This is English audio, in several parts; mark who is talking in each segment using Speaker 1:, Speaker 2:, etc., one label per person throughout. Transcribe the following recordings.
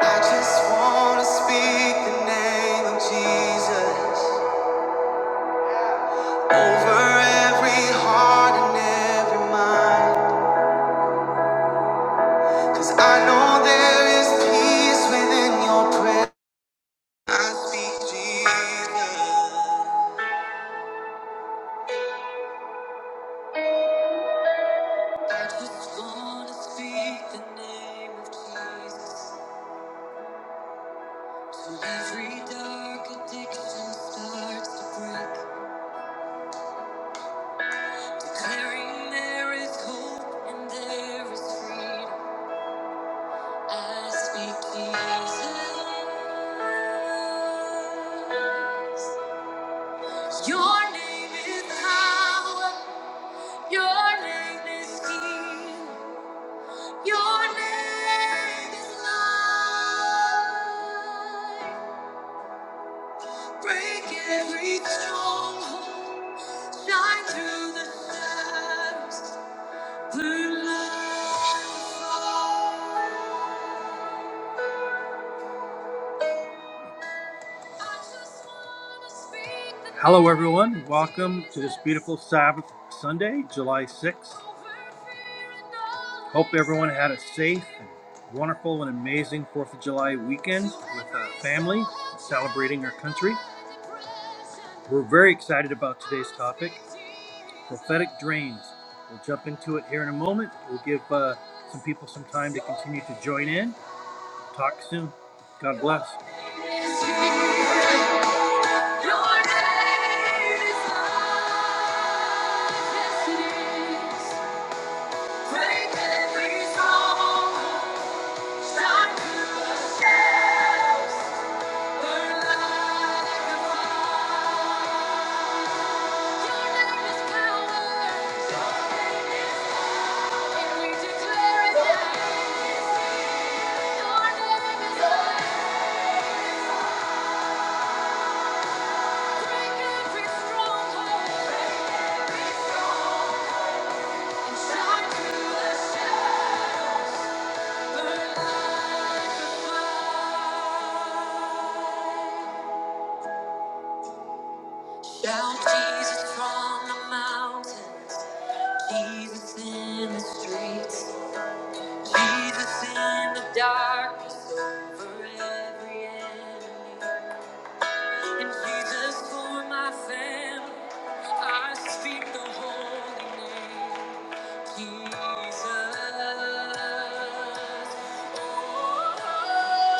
Speaker 1: I just wanna speak the name of Jesus over every heart and every mind. I know there is peace within your prayer. I speak Jesus. I just wanna speak the name of Jesus. Till every dark addiction starts to break. Declaring there is hope and there is freedom. I speak Jesus. Your name is power. Your name is healing. Your name is life. Break every stronghold. Shine through the shadows. Burn like I just wanna speak the over fear and all Thank you. Shout Jesus from the mountains, Jesus in the streets, Jesus in the darkness over every enemy, and Jesus for my family. I speak the holy name, Jesus. Oh.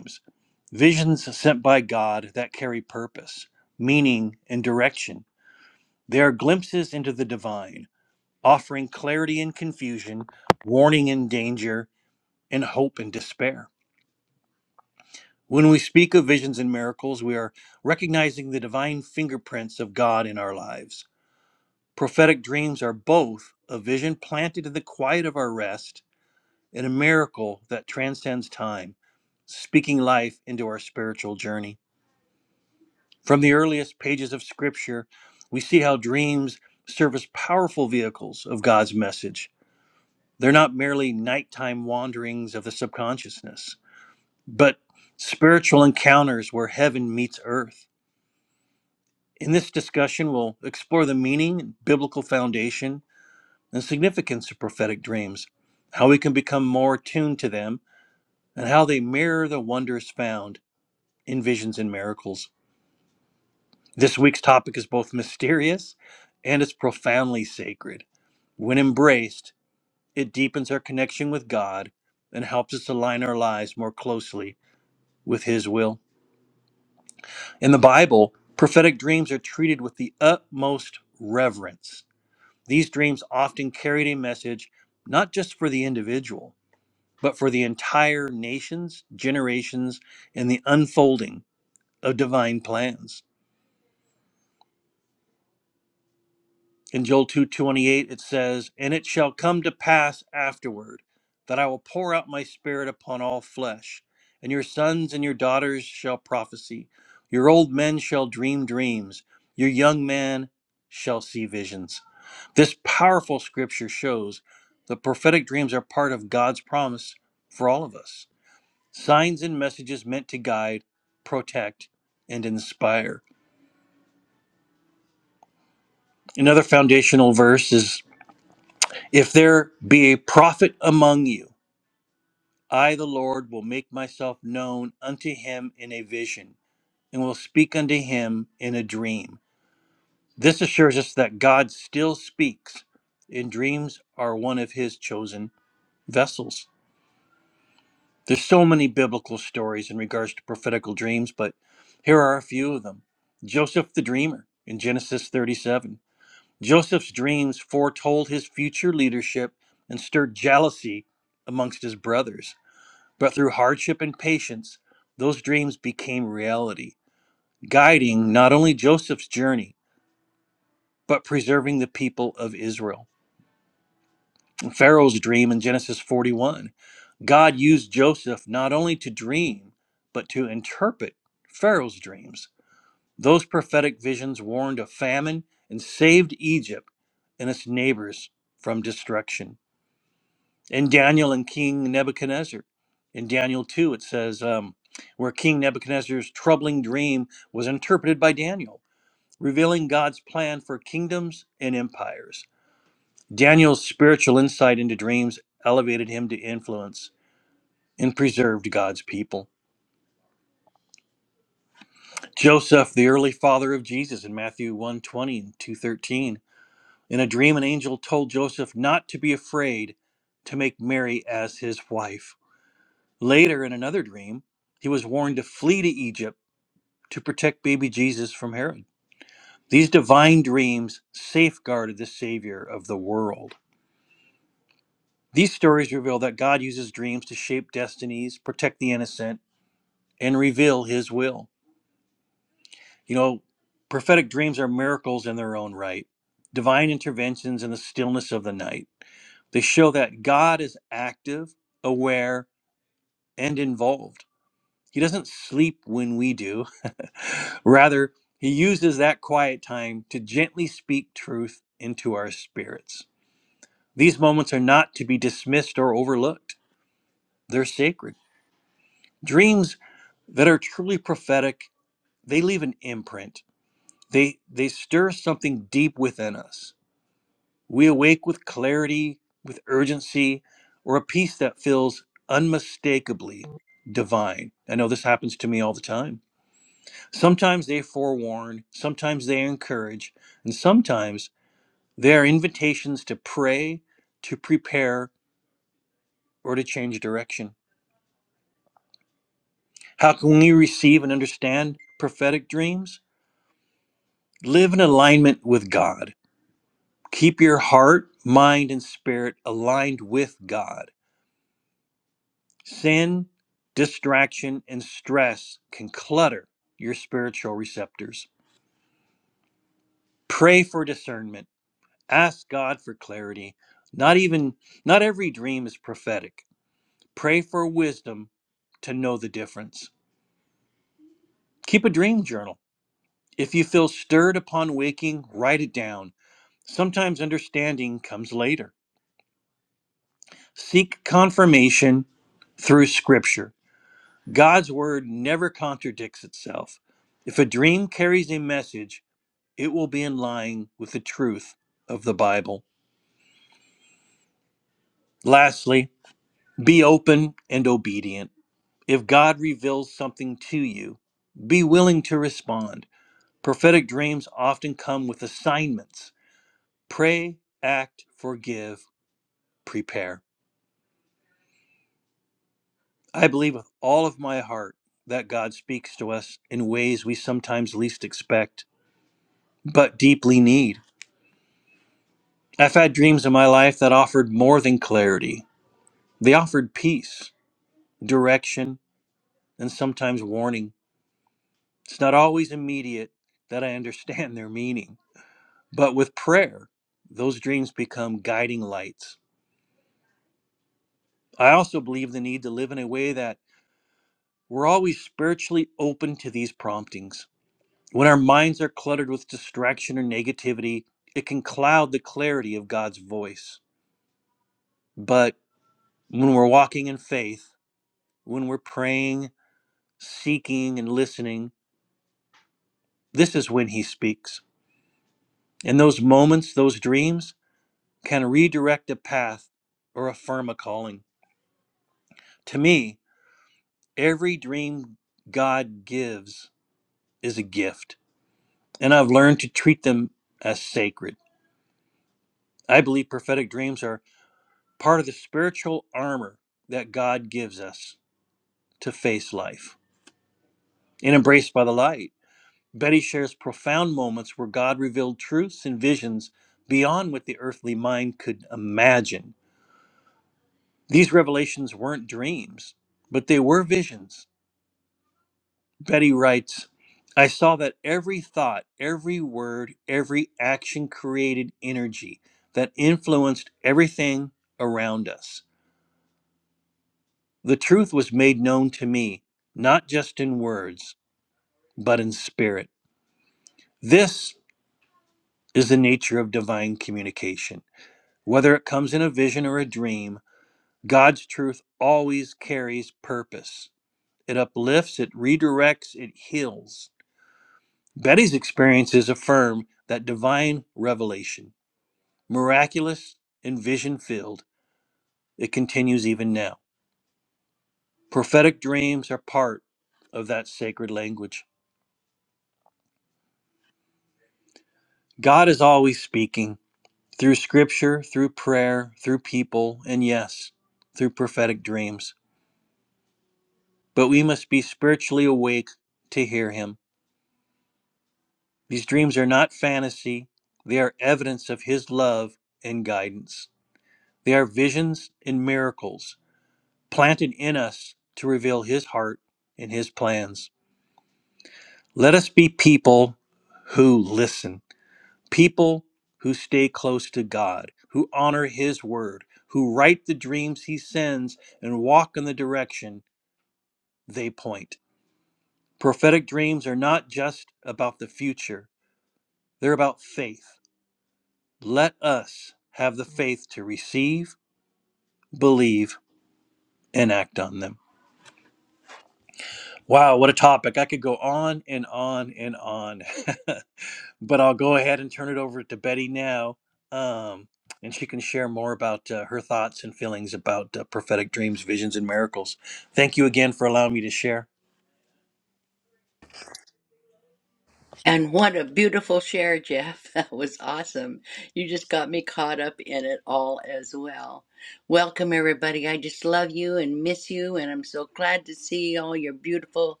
Speaker 2: And what a beautiful share, Jeff. That was awesome. You just got me caught up in it all as well. Welcome, everybody. I just love you and miss you, and I'm so glad to see all your beautiful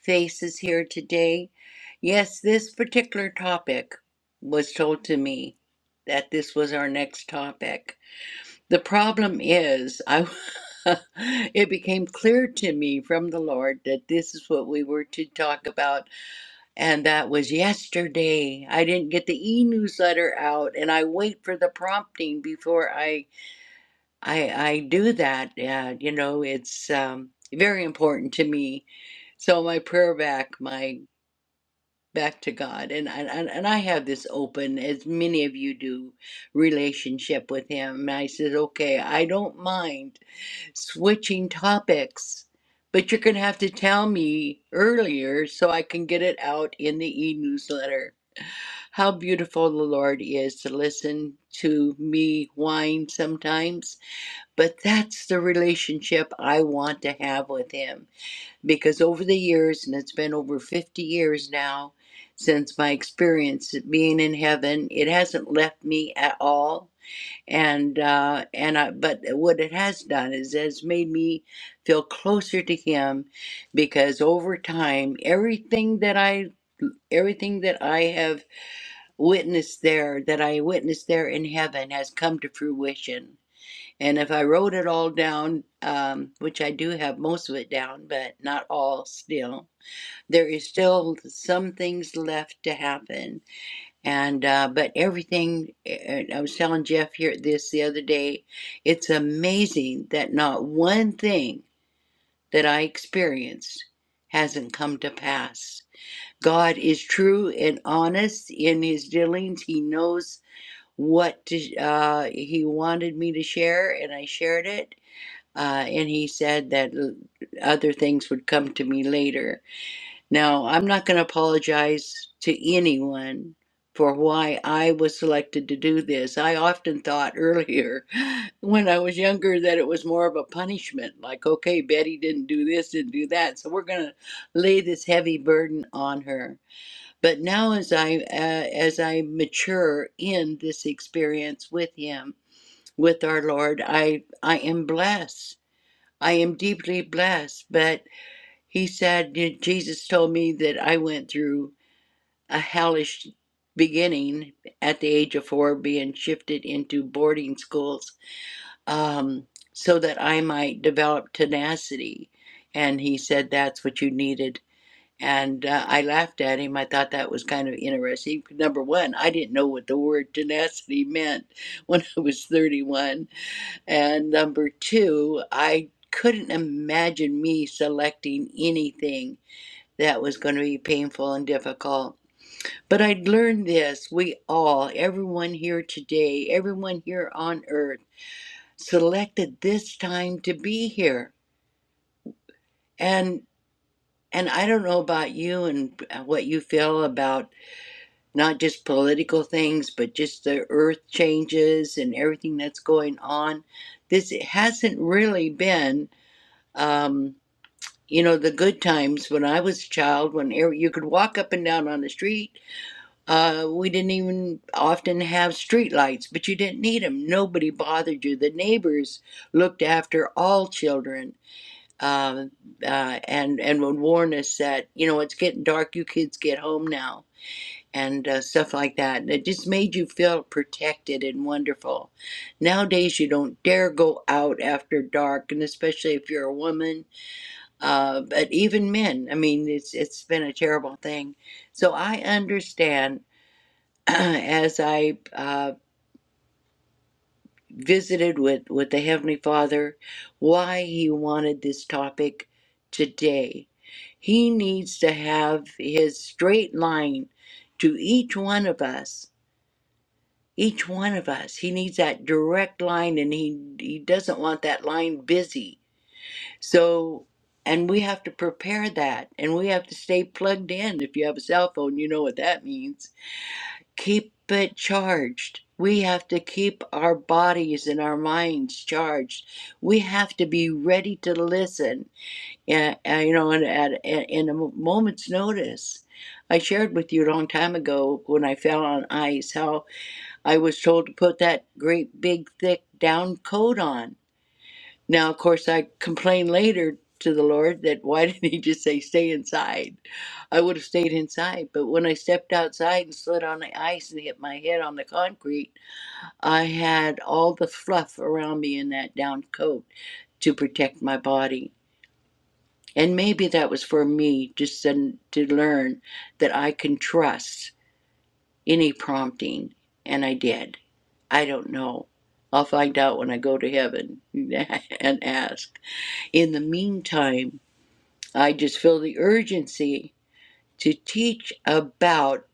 Speaker 2: faces here today. Yes, this particular topic was told to me that this was our next topic. The problem is, I it became clear to me from the Lord that this is what we were to talk about and that was yesterday. I didn't get the e-newsletter out and I wait for the prompting before I I I do that. Uh, you know, it's um very important to me. So my prayer back, my back to God. And I and, and I have this open, as many of you do, relationship with him. And I said, okay, I don't mind switching topics, but you're gonna have to tell me earlier so I can get it out in the e-newsletter how beautiful the Lord is to listen to me whine sometimes. But that's the relationship I want to have with Him. Because over the years, and it's been over 50 years now since my experience at being in heaven, it hasn't left me at all. And uh, and I, but what it has done is it has made me feel closer to Him, because over time, everything that I everything that I have witnessed there, that I witnessed there in heaven, has come to fruition. And if I wrote it all down, um, which I do have most of it down, but not all still, there is still some things left to happen. And uh, but everything, I was telling Jeff here this the other day, it's amazing that not one thing that I experienced hasn't come to pass. God is true and honest in his dealings. He knows what to, uh, he wanted me to share, and I shared it. Uh, and he said that other things would come to me later. Now, I'm not going to apologize to anyone for why I was selected to do this. I often thought earlier when I was younger that it was more of a punishment like, okay, Betty didn't do this, didn't do that, so we're going to lay this heavy burden on her but now, as I uh, as I mature in this experience with Him, with our Lord, I I am blessed. I am deeply blessed. But He said, Jesus told me that I went through a hellish beginning at the age of four, being shifted into boarding schools, um, so that I might develop tenacity. And He said that's what you needed and uh, I laughed at him. I thought that was kind of interesting. Number one, I didn't know what the word tenacity meant when I was 31. And number two, I couldn't imagine me selecting anything that was going to be painful and difficult. But I'd learned this. We all, everyone here today, everyone here on earth, selected this time to be here. And and I don't know about you and uh, what you feel about not just political things, but just the earth changes and everything that's going on. This it hasn't really been, um, you know, the good times when I was a child, when er- you could walk up and down on the street. Uh, we didn't even often have street lights, but you didn't need them. Nobody bothered you. The neighbors looked after all children. Um, uh, and and would warn us that you know it's getting dark. You kids get home now and uh, stuff like that. And it just made you feel protected and wonderful. Nowadays, you don't dare go out after dark, and especially if you're a woman. Uh, but even men, I mean, it's it's been a terrible thing. So I understand. As I uh, visited with, with the Heavenly Father, why He wanted this topic today. He needs to have His straight line to each one of us Each one of us, he needs that direct line and he he doesn't want that line busy. So and we have to prepare that and we have to stay plugged in. If you have a cell phone, you know what that means. Keep it charged. We have to keep our bodies and our minds charged. We have to be ready to listen, and, you know, and at, at in a moment's notice. I shared with you a long time ago when I fell on ice how I was told to put that great big thick down coat on. Now, of course, I complained later to the Lord that why didn't He just say stay inside? I would have stayed inside. But when I stepped outside and slid on the ice and hit my head on the concrete, I had all the fluff around me in that down coat to protect my body. And maybe that was for me just to to learn that I can trust any prompting, and I did. I don't know. I'll find out when I go to heaven and ask. In the meantime, I just feel the urgency to teach about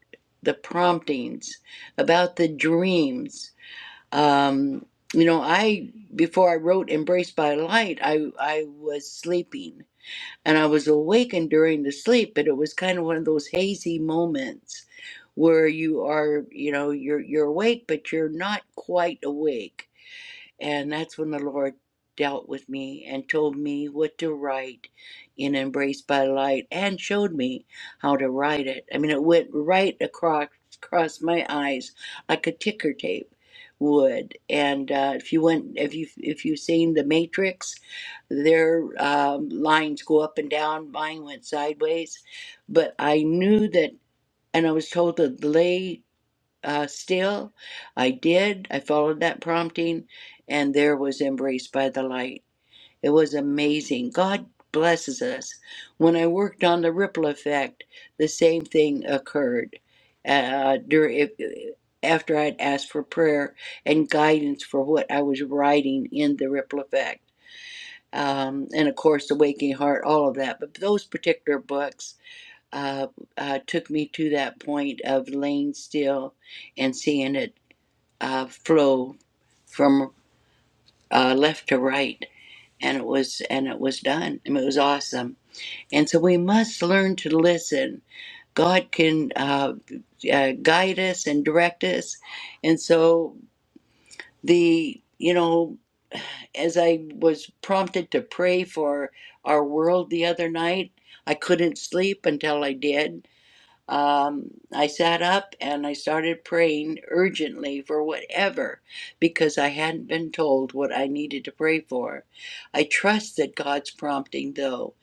Speaker 2: the promptings, about the dreams. Um, you know, I before I wrote "Embraced by Light," I I was sleeping and I was awakened during the sleep, but it was kind of one of those hazy moments where you are, you know, you're you're awake, but you're not quite awake and that's when the Lord dealt with me and told me what to write in Embraced by Light and showed me how to write it. I mean, it went right across, across my eyes like a ticker tape would and uh, if you went if you if you've seen the matrix their um, lines go up and down mine went sideways but i knew that and i was told to lay uh, still. I did. I followed that prompting, and there was Embraced by the Light. It was amazing. God blesses us. When I worked on the ripple effect, the same thing occurred uh, during, after I'd asked for prayer and guidance for what I was writing in the ripple effect. Um, and of course, the Waking Heart, all of that. But those particular books uh, uh, took me to that point of laying still and seeing it uh, flow from uh, left to right and it was and it was done and it was awesome and so we must learn to listen god can uh, uh, guide us and direct us and so the you know as i was prompted to pray for our world the other night i couldn't sleep until i did um, I sat up and I started praying urgently for whatever because I hadn't been told what I needed to pray for. I trusted God's prompting, though,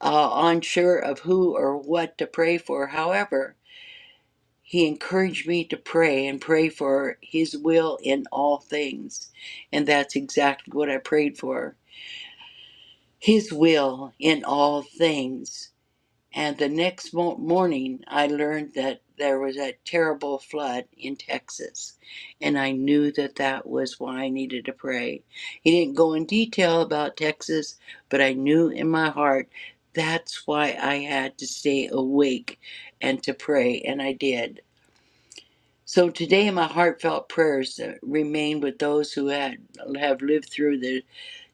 Speaker 2: uh, unsure of who or what to pray for. However, He encouraged me to pray and pray for His will in all things. And that's exactly what I prayed for His will in all things and the next mo- morning, I learned that there was a terrible flood in Texas. And I knew that that was why I needed to pray. He didn't go in detail about Texas, but I knew in my heart that's why I had to stay awake and to pray. And I did. So today, my heartfelt prayers uh, remain with those who had, have lived through the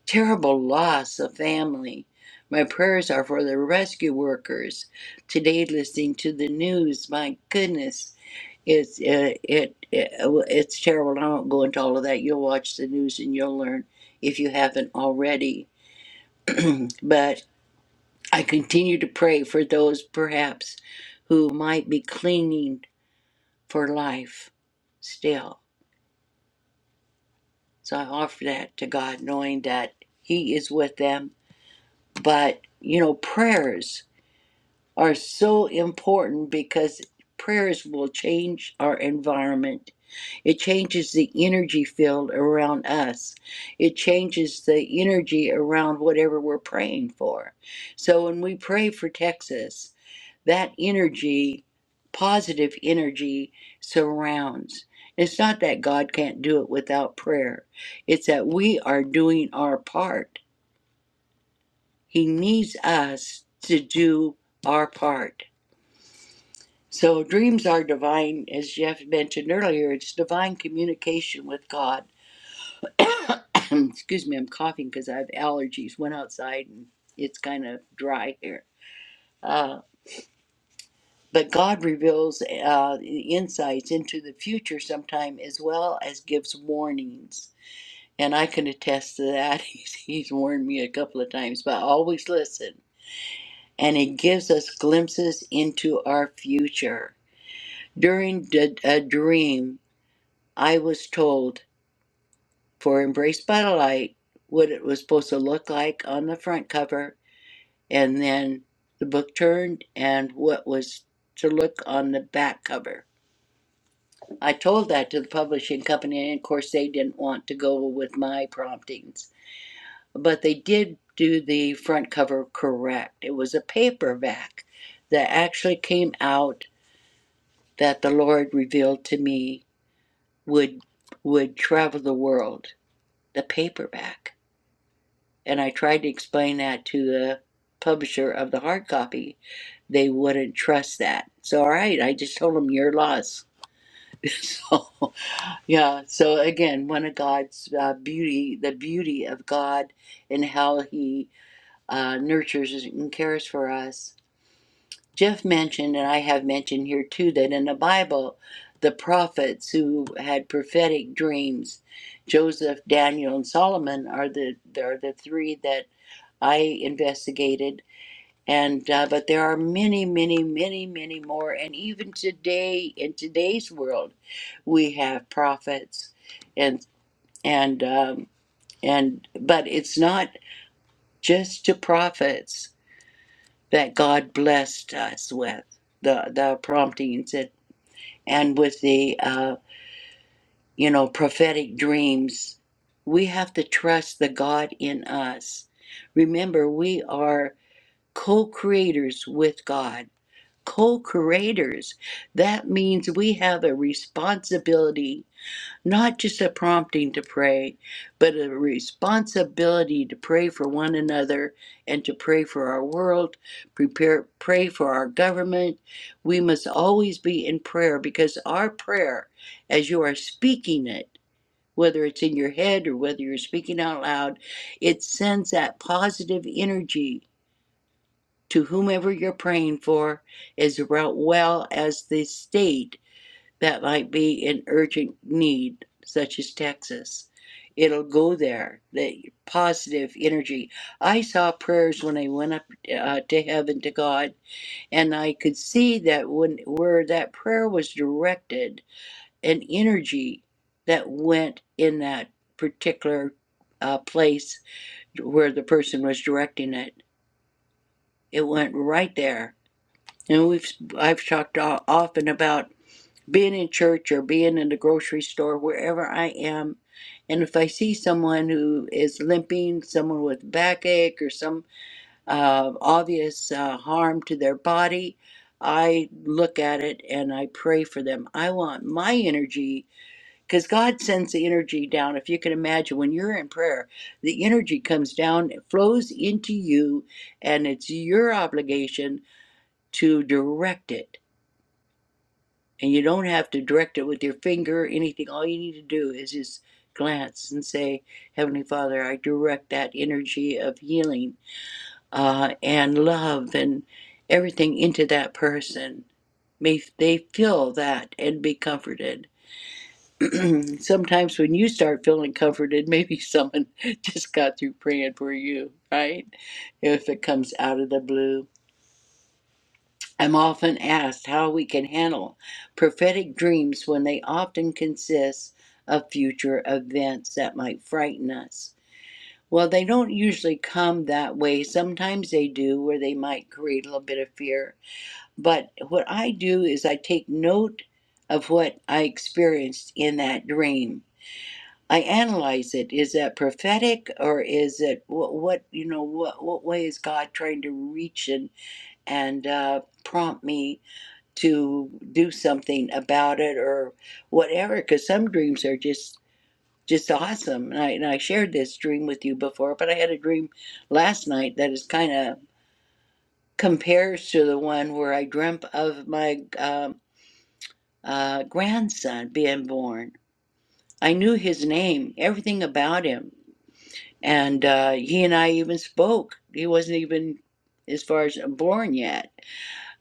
Speaker 2: terrible loss of family. My prayers are for the rescue workers. Today, listening to the news, my goodness, it's it, it, it it's terrible. And I won't go into all of that. You'll watch the news and you'll learn if you haven't already. But I continue to pray for those perhaps who might be clinging for life still. So I offer that to God, knowing that He is with them. But you know, prayers. are so important because prayers will change our environment. It changes the energy field around us. It changes the energy around whatever we're praying for. So when we pray for Texas, that energy, positive energy, surrounds. It's not that God can't do it without prayer, it's that we are doing our part. He needs us to do our part. So dreams are divine, as Jeff mentioned earlier. It's divine communication with God. Excuse me, I'm coughing because I have allergies. Went outside and it's kind of dry here. Uh, but God reveals uh, insights into the future sometime, as well as gives warnings. And I can attest to that. He's, he's warned me a couple of times, but I always listen. And he gives us glimpses into our future. During the- a dream, I was told. for Embrace by the Light, what it was supposed to look like on the front cover, and then the book turned and what was to look on the back cover. I told that to the publishing company, and of course, they didn't want to go with my promptings, but they did do the front cover correct. It was a paperback that actually came out that the Lord revealed to me would would travel the world. The paperback. And I tried to explain that to the publisher of the hard copy. They wouldn't trust that. So, all right, I just told them your loss. so, yeah. So again, one of God's uh, beauty, the beauty of God, and how He uh, nurtures and cares for us. Jeff mentioned, and I have mentioned here too, that in the Bible, the prophets who had prophetic dreams, Joseph, Daniel, and Solomon, are the are the three that I investigated. And uh, but there are many, many, many, many more. And even today, in today's world, we have prophets, and and um, and but it's not just to prophets that God blessed us with the the promptings and and with the uh, you know prophetic dreams. We have to trust the God in us. Remember, we are co-creators with God co creators. That means we have a responsibility, not just a prompting to pray, but a responsibility to pray for one another and to pray for our world, prepare, pray for our government. We must always be in prayer because our prayer, as you are speaking it, whether it's in your head or whether you're speaking out loud, it sends that positive energy to whomever you're praying for as well well as the state that might be in urgent need, such as Texas. It'll go there, the positive energy. I saw prayers when I went up uh, to heaven to God, and I could see that when where that prayer was directed, an energy that went in that particular uh, place where the person was directing it. It went right there and we've I've talked o- often about being in church or being in the grocery store, wherever I am, and if I see someone who is limping, someone with backache or some uh, obvious uh, harm to their body, I look at it and I pray for them. I want my energy because God sends the energy down. If you can imagine, when you're in prayer, the energy comes down, it flows into you, and it's your obligation to direct it and you don't have to direct it with your finger or anything. All you need to do is just glance and say, Heavenly Father, I direct that energy of healing uh, and love and everything into that person. May they feel that and be comforted. Sometimes when you start feeling comforted, maybe someone just got through praying for you, right? If it comes out of the blue. I'm often asked how we can handle prophetic dreams when they often consist of future events that might frighten us. Well, they don't usually come that way. Sometimes they do, where they might create a little bit of fear. But what I do is I take note of what I experienced in that dream. I analyze it. Is that prophetic, or is it what? what you know, what what way is God trying to reach and and uh, prompt me to do something about it or whatever because some dreams are just just awesome and I, and I shared this dream with you before but i had a dream last night that is kind of compares to the one where i dreamt of my um, uh, grandson being born i knew his name everything about him and uh, he and i even spoke he wasn't even as far as uh, born yet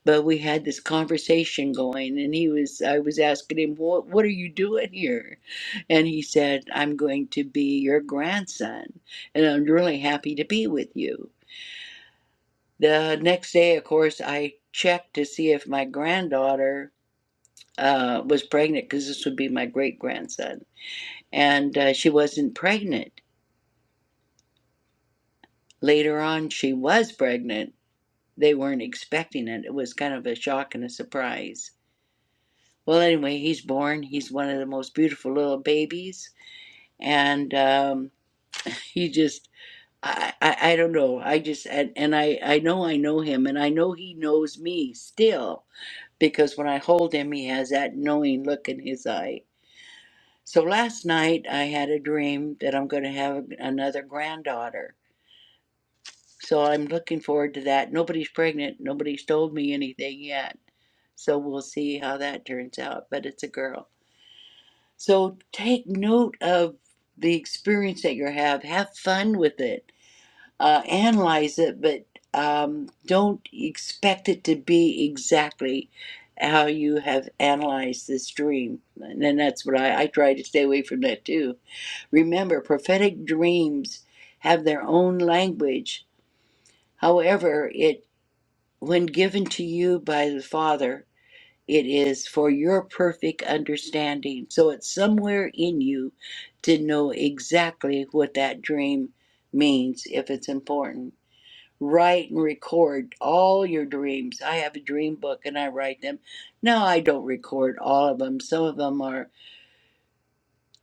Speaker 2: but we had this conversation going and he was i was asking him what, what are you doing here and he said i'm going to be your grandson and i'm really happy to be with you the next day of course i checked to see if my granddaughter uh, was pregnant because this would be my great grandson and uh, she wasn't pregnant later on she was pregnant they weren't expecting it it was kind of a shock and a surprise Well, anyway, he's born. He's one of the most beautiful little babies, and um, he just. I, I, I don't know. I just and, and I I know I know him and I know he knows me still because when I hold him he has that knowing look in his eye. So last night I had a dream that I'm going to have another granddaughter. So I'm looking forward to that. Nobody's pregnant. Nobody's told me anything yet. So we'll see how that turns out, but it's a girl. So take note of the experience that you have. Have fun with it. Uh, analyze it, but um, don't expect it to be exactly how you have analyzed this dream. And then that's what I, I try to stay away from that too. Remember, prophetic dreams have their own language. However, it when given to you by the Father it is for your perfect understanding. So it's somewhere in you to know exactly what that dream means if it's important. Write and record all your dreams. I have a dream book and I write them. Now I don't record all of them. Some of them are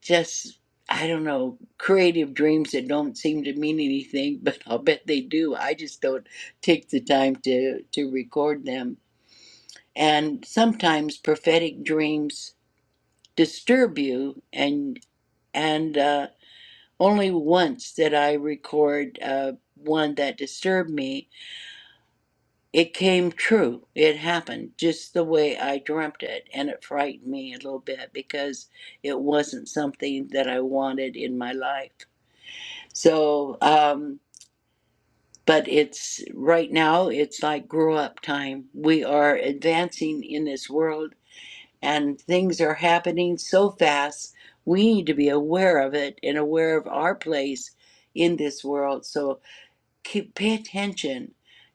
Speaker 2: just, I don't know, creative dreams that don't seem to mean anything, but I'll bet they do. I just don't take the time to, to record them. And sometimes prophetic dreams disturb you and and uh, only once did i record uh, one that disturbed me it came true it happened just the way i dreamt it and it frightened me a little bit because it wasn't something that i wanted in my life so um but it's right now it's like grow up time we are advancing in this world and things are happening so fast. We need to be aware of it and aware of our place in this world. So keep pay attention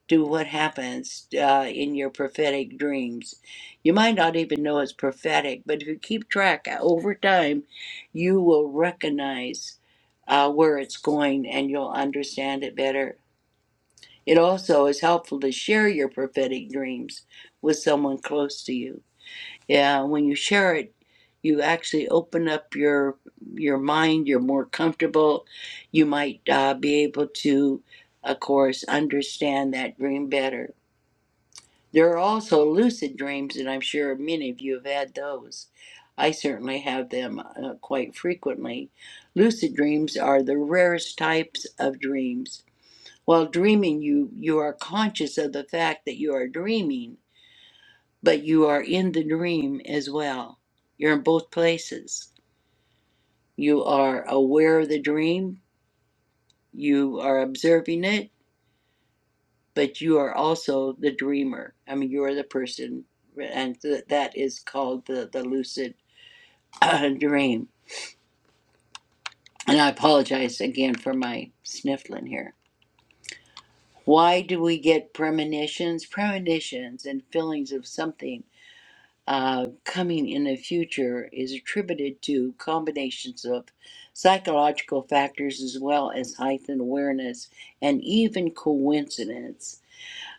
Speaker 2: to what happens uh, in your prophetic dreams. You might not even know it's prophetic, but if you keep track uh, over time, you will recognize uh, where it's going and you'll understand it better. It also is helpful to share your prophetic dreams with someone close to you. Yeah, when you share it, you actually open up your your mind. You're more comfortable. You might uh, be able to, of course, understand that dream better. There are also lucid dreams, and I'm sure many of you have had those. I certainly have them uh, quite frequently. Lucid dreams are the rarest types of dreams. While dreaming, you you are conscious of the fact that you are dreaming but you are in the dream as well. You're in both places. You are aware of the dream, you are observing it, but you are also the dreamer. I mean, you are the person, and th- that is called the, the lucid dream. And I apologize again for my sniffling here. Why do we get premonitions? Premonitions and feelings of something uh, coming in the future is attributed to combinations of psychological factors as well as heightened awareness and even coincidence.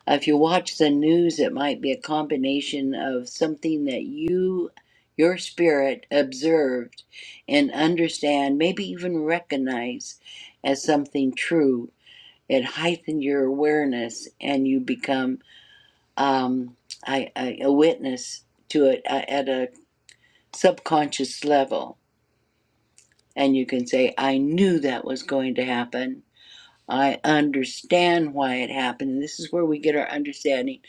Speaker 2: If you watch the news, it might be a combination of something that you, your spirit, observed and understand, maybe even recognize as something true. It heightened your awareness and you become um, I, I, a witness to it uh, at a subconscious level. And you can say, I knew that was going to happen. I understand why it happened. And this is where we get our understanding.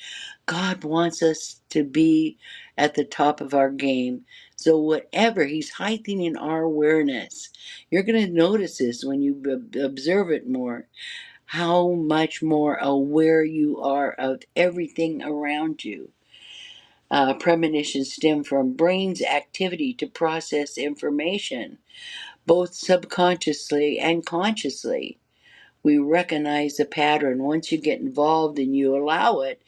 Speaker 2: God wants us to be at the top of our game. So, whatever He's heightening our awareness, you're going to notice this when you b- observe it more how much more aware you are of everything around you. Uh, premonitions stem from brain's activity to process information both subconsciously and consciously. We recognize the pattern. Once you get involved and you allow it,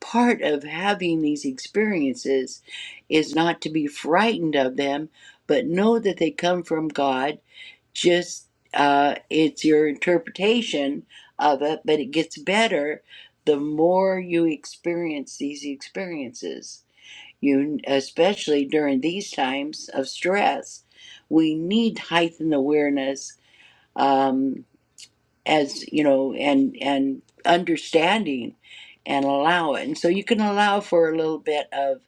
Speaker 2: part of having these experiences is not to be frightened of them, but know that they come from God. Just uh, it's your interpretation of it, but it gets better the more you experience these experiences. You, especially during these times of stress, we need heightened awareness um, as you know, and and understanding, and allow it. And so you can allow for a little bit of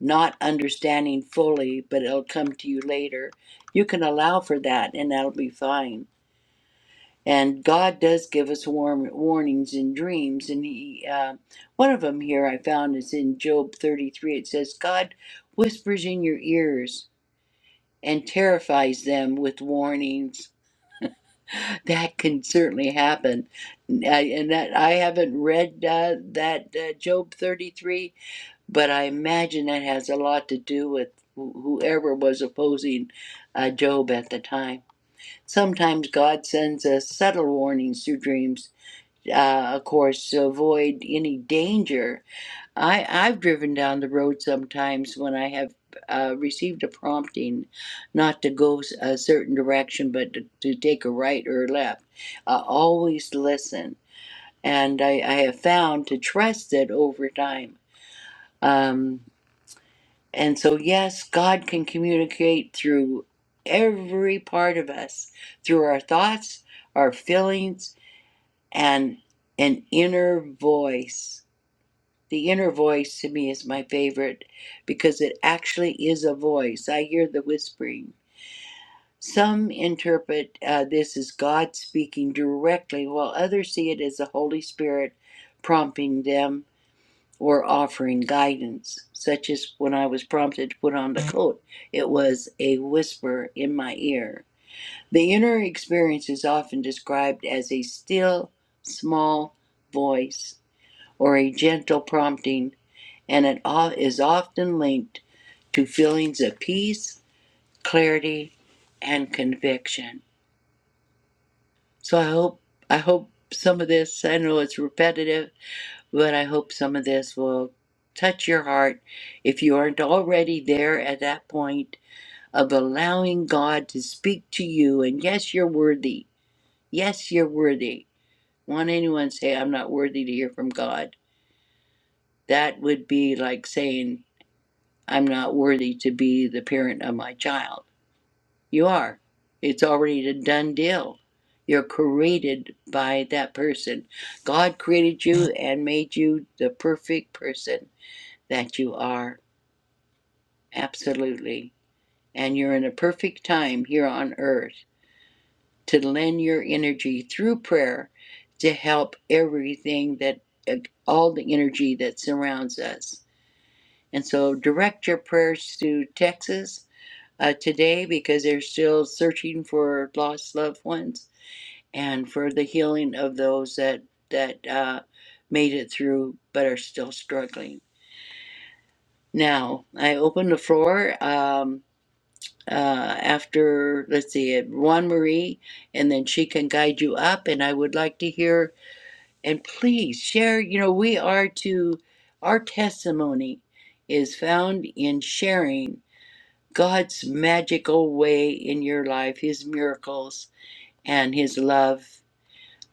Speaker 2: not understanding fully, but it'll come to you later. You can allow for that, and that'll be fine. And God does give us warm warnings in dreams, and He, uh, one of them here I found is in Job thirty-three. It says, "God whispers in your ears and terrifies them with warnings." That can certainly happen. I, and that I haven't read uh, that uh, Job 33, but I imagine that has a lot to do with wh- whoever was opposing uh, Job at the time. Sometimes God sends us subtle warnings through dreams, uh, of course, to avoid any danger I, I've driven down the road sometimes when I have uh, received a prompting not to go s- a certain direction, but to, to take a right or a left. I always listen, and I, I have found to trust it over time. Um, and so, yes, God can communicate through every part of us, through our thoughts, our feelings, and an inner voice The inner voice to me is my favorite because it actually is a voice. I hear the whispering. Some interpret uh, this as God speaking directly, while others see it as the Holy Spirit prompting them or offering guidance, such as when I was prompted to put on the coat. It was a whisper in my ear. The inner experience is often described as a still, small voice or a gentle prompting and it o- is often linked to feelings of peace, clarity, and conviction. So I hope I hope some of this, I know it's repetitive, but I hope some of this will touch your heart if you aren't already there at that point of allowing God to speak to you and yes, you're worthy. Yes, you're worthy. Won't anyone say I'm not worthy to hear from God? That would be like saying I'm not worthy to be the parent of my child You are. It's already a done deal. You're created by that person. God created you and made you the perfect person that you are. Absolutely. And you're in a perfect time here on earth to lend your energy through prayer to help everything that uh, all the energy that surrounds us. And so direct your prayers to Texas uh, today because they're still searching for lost loved ones and for the healing of those that that uh, made it through but are still struggling. Now I open the floor um, uh, after let's see it Juan Marie, and then she can guide you up. And I would like to hear and please share. You know we are to our testimony is found in sharing God's magical way in your life, His miracles and His love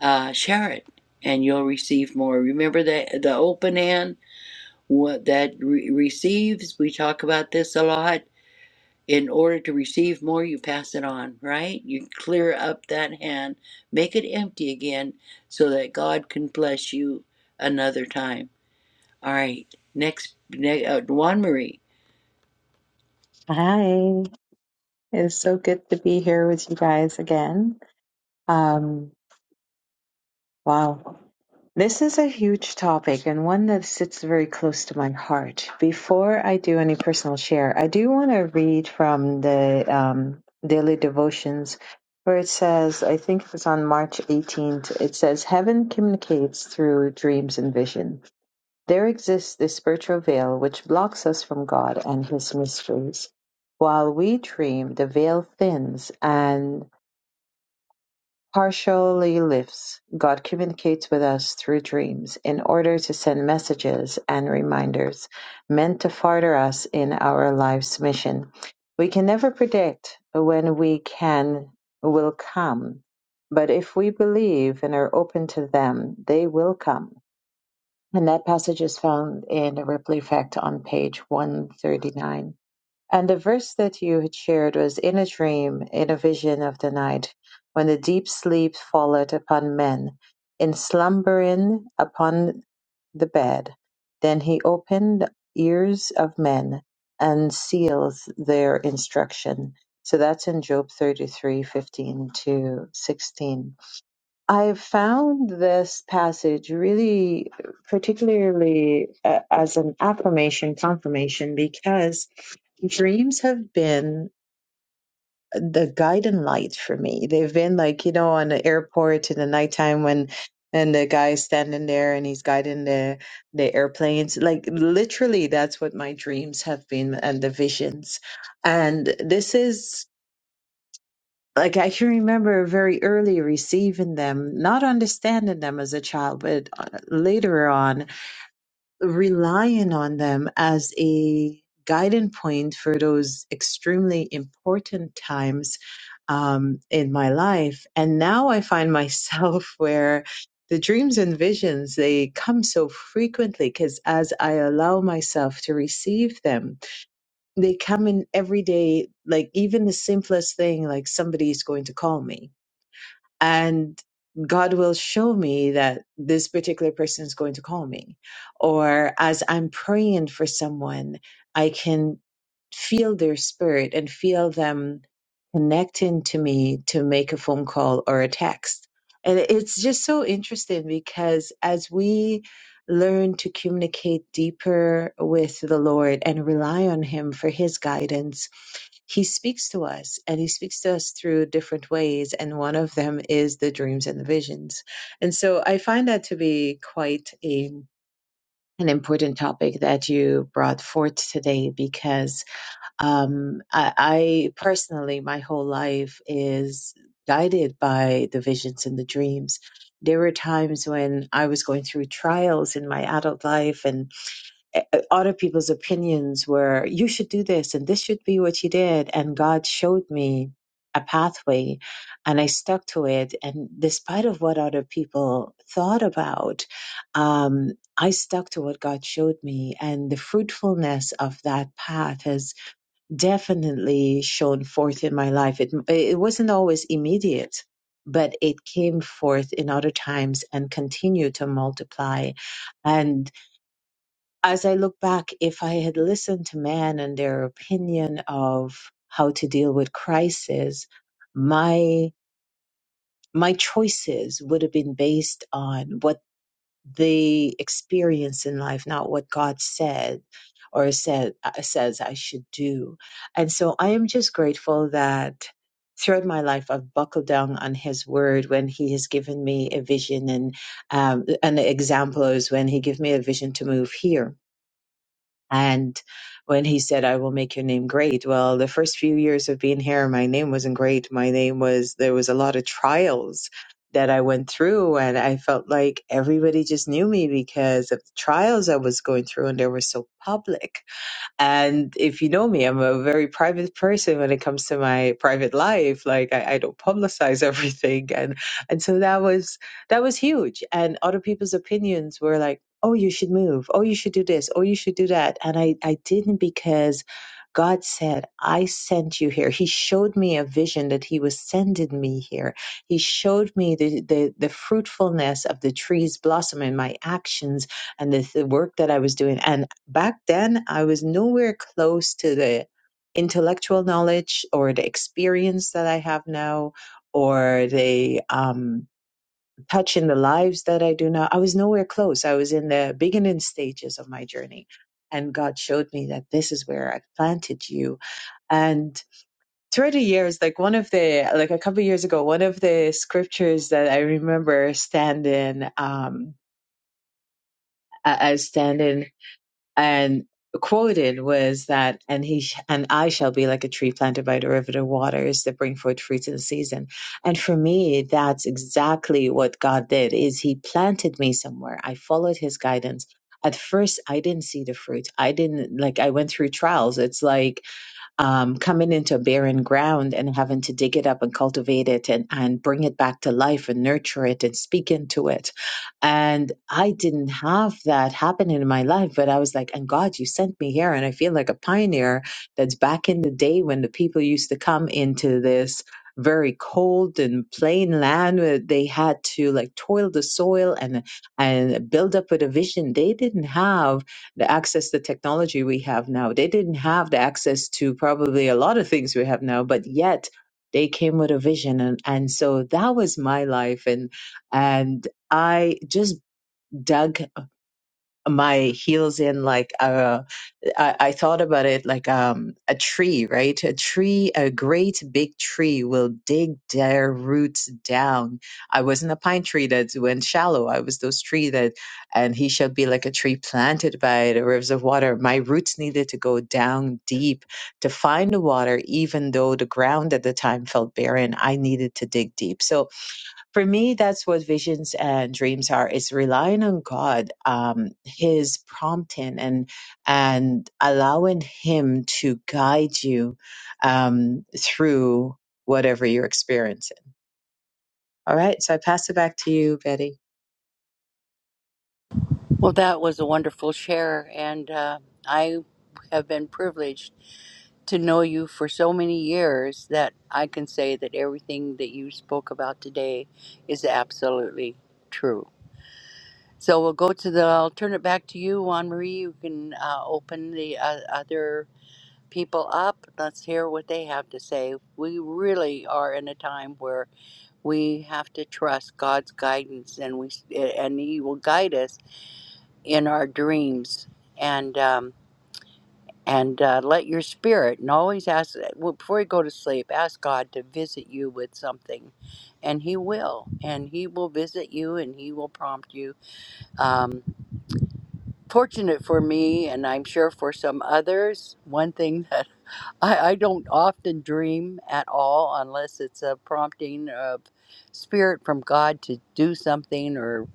Speaker 2: uh, share it and you'll receive more. Remember that the open hand what that re- receives, we talk about this a lot. In order to receive more, you pass it on, right? You clear up that hand, make it empty again so that God can bless you another time. All right, next, ne- uh, Juan Marie.
Speaker 3: Hi, it's so good to be here with you guys again. Um, wow, this is a huge topic and one that sits very close to my heart. Before I do any personal share, I do want to read from the um, daily devotions where it says, I think it was on March 18th, it says, Heaven communicates through dreams and vision. There exists this spiritual veil which blocks us from God and His mysteries. While we dream, the veil thins and partially lifts. God communicates with us through dreams in order to send messages and reminders meant to further us in our life's mission. We can never predict when we can will come, but if we believe and are open to them, they will come. And that passage is found in the Ripley Effect on page 139. And the verse that you had shared was In a dream, in a vision of the night, when the deep sleep falleth upon men, in slumbering upon the bed, then he opened the ears of men and seals their instruction. So that's in Job 33:15 to 16. I found this passage really particularly uh, as an affirmation, confirmation, because dreams have been the guiding light for me. They've been like, you know, on the airport in the nighttime when and the guy's standing there and he's guiding the the airplanes. Like literally that's what my dreams have been and the visions. And this is like I can remember very early receiving them, not understanding them as a child, but uh, later on relying on them as a guiding point for those extremely important times um, in my life. And now I find myself where the dreams and visions they come so frequently because as I allow myself to receive them, they come in every day, like even the simplest thing, like somebody's going to call me and God will show me that this particular person is going to call me. Or as I'm praying for someone, I can feel their spirit and feel them connecting to me to make a phone call or a text. And it's just so interesting because as we learn to communicate deeper with the Lord and rely on Him for His guidance, he speaks to us and he speaks to us through different ways and one of them is the dreams and the visions and so i find that to be quite a an important topic that you brought forth today because um, I, I personally my whole life is guided by the visions and the dreams there were times when i was going through trials in my adult life and eh, eh, other people's opinions were you should do this and this should be what you did and god showed me a pathway and i stuck to it and despite of what other people thought about um, i stuck to what god showed me and the fruitfulness of that path has definitely shown forth in my life it, it wasn't always immediate but it came forth in other times and continued to multiply as I look back, if I had listened to man and their opinion of how to deal with crisis, my my choices would have been based on what they experience in life, not what God said or said uh, says I should do. And so I am just grateful that throughout my life I've buckled down on His word when He has given me a vision and um, an example is when He gave me a vision to move here and when he said, I will make your name great, well, the first few years of being here, my name wasn't great. My name was, there was a lot of trials that I went through. And I felt like everybody just knew me because of the trials I was going through and they were so public and if you know me, I'm a very private person when it comes to my private life. Like I, I don't publicize everything. And and so that was that was huge. And other people's opinions were like, oh, you should move. Oh, you should do this. Oh, you should do that. And I, I didn't because God said, I sent you here. He showed me a vision that He was sending me here. He showed me the, the, the fruitfulness of the trees blossom in my actions and the, the work that I was doing. And back then, I was nowhere close to the intellectual knowledge or the experience that I have now or the um, touch in the lives that I do now. I was nowhere close. I was in the beginning stages of my journey. And God showed me that this is where I planted you. And through the years, like one of the like a couple of years ago, one of the scriptures that I remember standing um a- as standing and quoted was that and he sh- and I shall be like a tree planted by the river of waters that bring forth fruits in season and for me that's exactly what God did is he planted me somewhere I followed his guidance at first I didn't see the fruit I didn't like I went through trials it's like um, coming into barren ground and having to dig it up and cultivate it and, and bring it back to life and nurture it and speak into it. And I didn't have that happening in my life, but I was like, and God, you sent me here. And I feel like a pioneer that's back in the day when the people used to come into this very cold and plain land where they had to like toil the soil and and build up with a vision they didn't have the access the technology we have now they didn't have the access to probably a lot of things we have now but yet they came with a vision and, and so that was my life and and i just dug my heels in like a. I, I thought about it like um, a tree, right? A tree, a great big tree will dig their roots down. I wasn't a pine tree that went shallow. I was those tree that, and he shall be like a tree planted by the rivers of water. My roots needed to go down deep to find the water, even though the ground at the time felt barren. I needed to dig deep. So for me, that's what visions and dreams are. It's relying on God, um, His prompting, and and allowing Him to guide you um, through whatever you're experiencing. All right, so I pass it back to you, Betty.
Speaker 2: Well, that was a wonderful share, and uh, I have been privileged to know you for so many years that I can say that everything that you spoke about today is absolutely true. So we'll go to the, I'll turn it back to you, Juan Marie. You can uh, open the uh, other people up. Let's hear what they have to say. We really are in a time where we have to trust God's guidance and we and he will guide us in our dreams and um, and uh, let your spirit and always ask well, before you go to sleep ask god to visit you with something and he will and he will visit you and he will prompt you um, fortunate for me and i'm sure for some others one thing that I, I don't often dream at all unless it's a prompting of spirit from god to do something or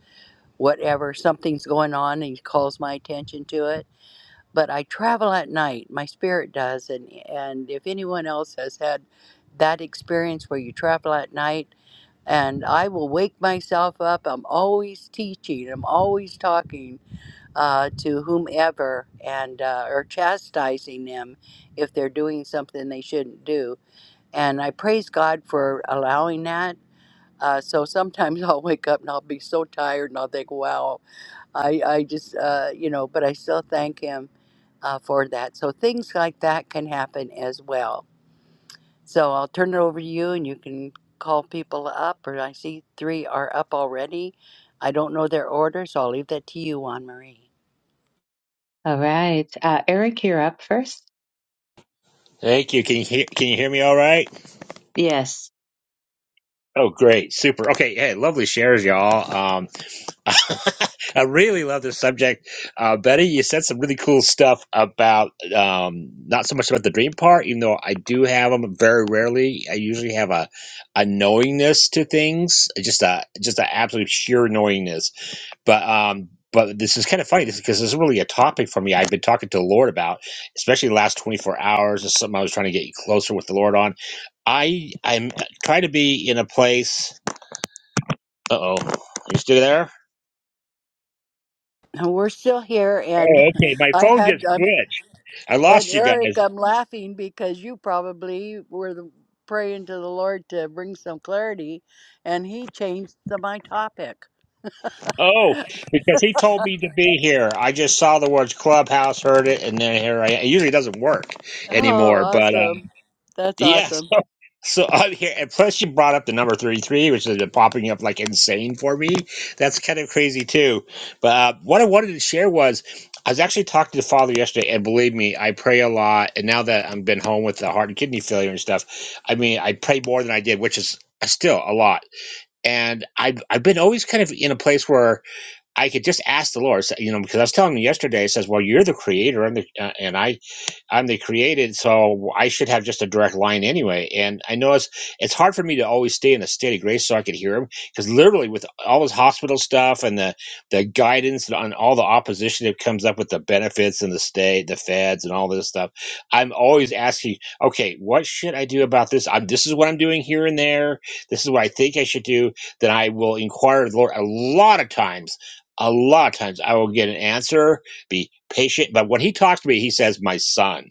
Speaker 2: whatever something's going on and he calls my attention to it but I travel at night. My spirit does, and and if anyone else has had that experience where you travel at night, and I will wake myself up. I'm always teaching. I'm always talking uh, to whomever, and uh, or chastising them if they're doing something they shouldn't do. And I praise God for allowing that. Uh, so sometimes I'll wake up and I'll be so tired and I'll think, wow, I, I just, uh, you know, but I still thank Him uh, for that. So things like that can happen as well. So I'll turn it over to you and you can call people up, or I see three are up already. I don't know their order, so I'll leave that to you, Juan Marie.
Speaker 3: All right. Uh, Eric, you're up first.
Speaker 4: Thank you. Can you hear, can you hear me all right?
Speaker 3: Yes,
Speaker 4: Oh, great. Super. Okay. Hey, lovely shares, y'all. Um, I really love this subject. Uh, Betty, you said some really cool stuff about, um, not so much about the dream part, even though I do have them very rarely. I usually have a, a knowingness to things, just a, just a absolute sheer knowingness. But, um, but this is kind of funny because this is really a topic for me. I've been talking to the Lord about, especially the last 24 hours. It's something I was trying to get closer with the Lord on I I'm trying to be in a place. Uh oh, you still there?
Speaker 2: And We're still here, and
Speaker 4: Oh, okay. My
Speaker 2: I
Speaker 4: phone
Speaker 2: had,
Speaker 4: just
Speaker 2: um,
Speaker 4: glitched. I
Speaker 2: and
Speaker 4: lost you
Speaker 2: Eric,
Speaker 4: guys.
Speaker 2: I'm laughing because you probably were the, praying to the Lord to bring some clarity, and he changed the, my topic.
Speaker 4: Oh, because he told me to be here. I just saw the words clubhouse, heard it, and then here I. am. It usually doesn't work
Speaker 2: Oh,
Speaker 4: anymore, but uh,
Speaker 2: awesome. That's
Speaker 4: yes.
Speaker 2: awesome.
Speaker 4: So i here, and plus you brought up the number thirty-three, which has been popping up like insane for me. That's kind of crazy too. But uh, what I wanted to share was, I was actually talking to the father yesterday, and believe me, I pray a lot. And now that I've been home with the heart and kidney failure and stuff, I mean, I pray more than I did, which is uh, still a lot. And I've I've been always kind of in a place where I could just ask the Lord, so- you know, because I was telling him yesterday, it says, "Well, you're the creator, and the, uh, and I." I'm the created, so I should have just a direct line anyway. And I know it's it's hard for me to always stay in a state of grace so I could hear him because literally with all this hospital stuff and the the guidance and all the opposition that comes up with the benefits and the state, the feds, and all this stuff, I'm always asking, okay, what should I do about this? I'm, this is what I'm doing here and there. This is what I think I should do. Then I will inquire of the Lord a lot of times. A lot of times I will get an answer be patient. But when he talks to me, he says, my son.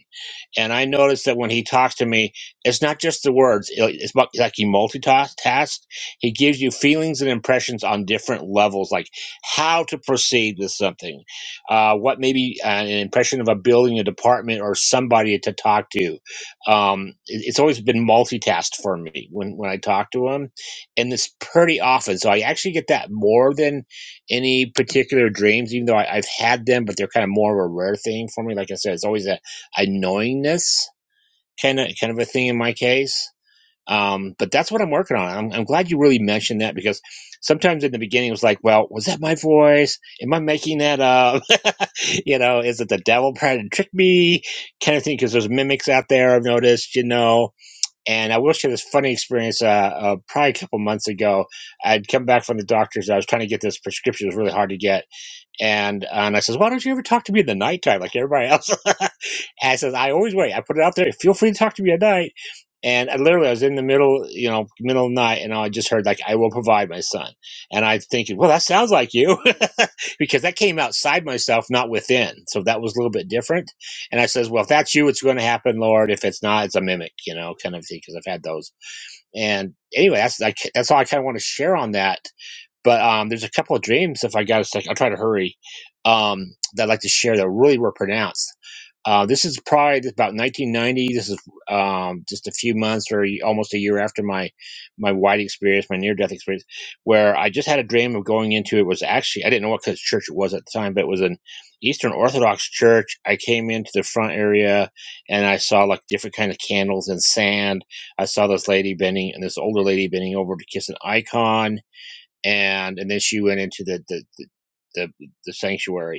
Speaker 4: And I noticed that when he talks to me, it's not just the words. it- It's mu- like he multitasks. He gives you feelings and impressions on different levels, like how to proceed with something, uh, what maybe uh, an impression of a building, a department, or somebody to talk to. Um, it- it's always been multitasked for me when, when I talk to him, and it's pretty often. So I actually get that more than any particular dreams, even though I, I've had them, but they're kind of more of a rare thing for me. Like I said, it's always that annoyingness kind of kind of a thing in my case. Um, but that's what I'm working on. I'm, I'm glad you really mentioned that because sometimes in the beginning it was like, well, was that my voice? Am I making that up? you know, is it the devil trying to trick me? Kind of thing because there's mimics out there. I've noticed, you know. And I will share this funny experience. Uh, uh, probably a couple months ago, I'd come back from the doctor's. I was trying to get this prescription; it was really hard to get. And uh, and I says, "Why don't you ever talk to me in the nighttime like everybody else?" And I says, I always wait. I put it out there. Feel free to talk to me at night. And I literally, I was in the middle, you know, middle of the night, and I just heard like, "I will provide my son." And I thinking, well, that sounds like you, because that came outside myself, not within. So that was a little bit different. And I says, "Well, if that's you, it's going to happen, Lord. If it's not, it's a mimic, you know, kind of thing." Because I've had those. And anyway, that's like that's all I kind of want to share on that. But um, there's a couple of dreams. If I got a second, I'll try to hurry. Um, that I'd like to share that really were pronounced uh, this is probably about 1990. This is um, just a few months or y- almost a year after my my white experience, my near death experience, where I just had a dream of going into it. Was actually I didn't know what kind of church it was at the time, but it was an Eastern Orthodox church. I came into the front area and I saw like different kind of candles and sand. I saw this lady bending and this older lady bending over to kiss an icon, and and then she went into the the the, the, the sanctuary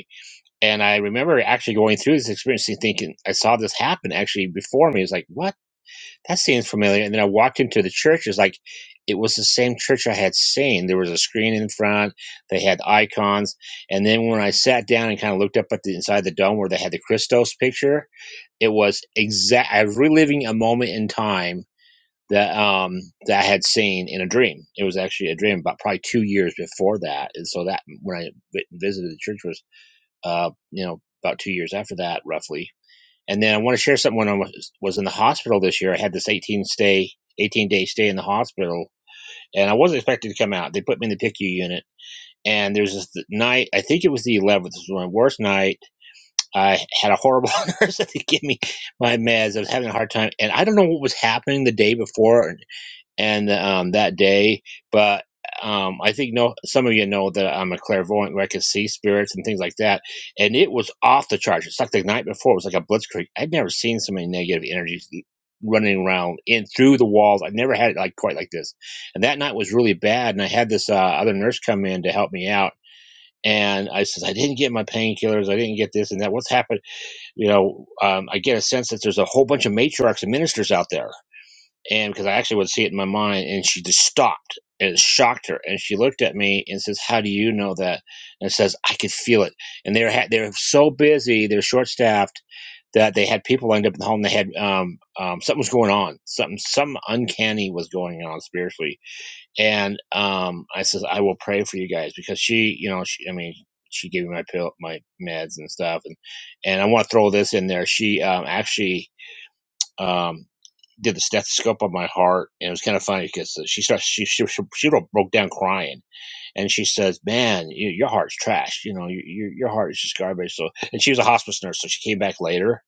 Speaker 4: and I remember actually going through this experience and thinking, I saw this happen actually before me. It's like, what? That seems familiar. And then I walked into the church. It's like, it was the same church I had seen. There was a screen in front. They had icons. And then when I sat down and kind of looked up at the inside the dome where they had the Christos picture, it was exact. I was reliving a moment in time that um that I had seen in a dream. It was actually a dream about probably two years before that. And so that when I vi- visited the church was uh, you know, about two years after that, roughly. And then I want to share something when I was, was in the hospital this year. I had this 18 stay, 18 day stay in the hospital, and I wasn't expected to come out. They put me in the PICU unit. And there's this night, I think it was the 11th, this was my worst night. I had a horrible nurse that gave me my meds. I was having a hard time. And I don't know what was happening the day before and um, that day. But um, I think no, some of you know that I'm a clairvoyant where I can see spirits and things like that. And it was off the charts. It's like the night before. It was like a blitzkrieg. I'd never seen so many negative energies running around in through the walls. I have never had it like quite like this. And that night was really bad. And I had this uh, other nurse come in to help me out. And I says I didn't get my painkillers. I didn't get this and that. What's happened? You know, um, I get a sense that there's a whole bunch of matriarchs and ministers out there and because I actually would see it in my mind, and she just stopped. And it shocked her, and she looked at me and says, "How do you know that?" And says, "I could feel it." And they're ha- they're so busy, they're short staffed that they had people lined up in the home. They had um, um something was going on, something some uncanny was going on spiritually. And um, I says, "I will pray for you guys because she, you know, she, I mean." She gave me my pill, my meds and stuff, and and I want to throw this in there. She um, actually um, did the stethoscope on my heart, and it was kind of funny because she starts she she she, broke down crying, and she says, "Man, you, your heart's trash. You know, your your heart is just garbage." So, and she was a hospice nurse, so she came back later,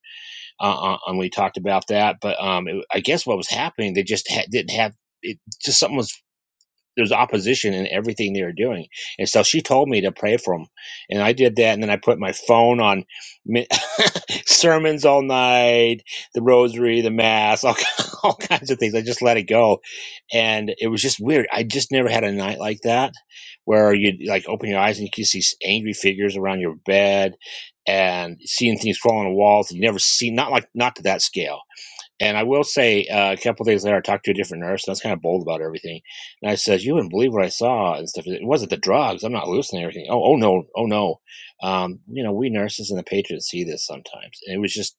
Speaker 4: uh, uh, and we talked about that. But um, it, I guess what was happening, they just ha- didn't have it. Just something was there's opposition in everything they were doing. And so she told me to pray for them. And I did that. And then I put my phone on mi- sermons all night, the rosary, the mass, all, all kinds of things. I just let it go. And it was just weird. I just never had a night like that where you'd like open your eyes and you could see angry figures around your bed and seeing things crawling on walls that you never see, not like, not to that scale and I will say, uh, a couple of days later, I talked to a different nurse, and I was kind of bold about everything. And I said, "You wouldn't believe what I saw and stuff. It wasn't the drugs. I'm not hallucinating or anything. Oh, oh no, oh no. Um, you know, we nurses and the patients see this sometimes. And it was just,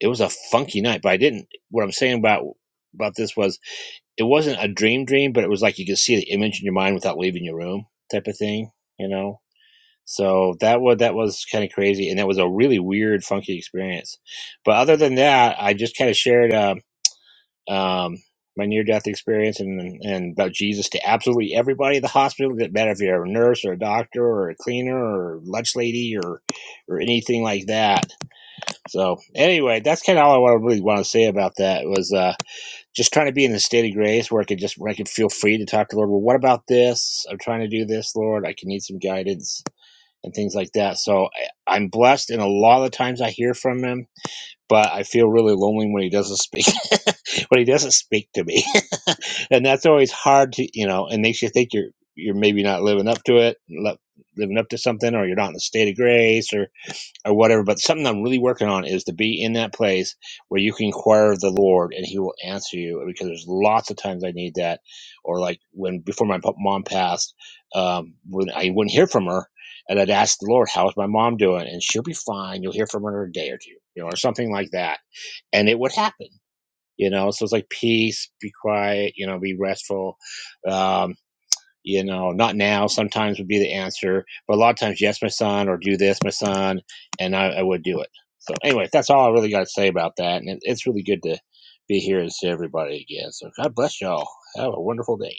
Speaker 4: it was a funky night. But I didn't. What I'm saying about about this was, it wasn't a dream dream, but it was like you could see the image in your mind without leaving your room, type of thing. You know. So that was that was kind of crazy, and that was a really weird, funky experience. But other than that, I just kind of shared. Um, um, my near death experience and, and about Jesus to absolutely everybody at the hospital. It doesn't matter if you're a nurse or a doctor or a cleaner or lunch lady or or anything like that. So anyway, that's kind of all I really want to say about that was uh, just trying to be in a state of grace where I could just where I could feel free to talk to the Lord. Well, what about this? I'm trying to do this, Lord. I can need some guidance and things like that. So I, I'm blessed, and a lot of the times I hear from Him but I feel really lonely when he doesn't speak. when he doesn't speak to me, and that's always hard to you know, and makes you think you're you're maybe not living up to it, living up to something, or you're not in a state of grace, or or whatever. But something I'm really working on is to be in that place where you can inquire of the Lord and He will answer you. Because there's lots of times I need that, or like when before my mom passed, um, when I wouldn't hear from her, and I'd ask the Lord, "How's my mom doing?" And she'll be fine. You'll hear from her in a day or two, you know, or something like that, and it would happen. You know, so it's like peace, be quiet, you know, be restful, uh, you know not now sometimes would be the answer but a lot of times yes my son or do this my son and i, I would do it so anyway that's all i really got to say about that and it, it's really good to be here and see everybody again so god bless y'all have a wonderful day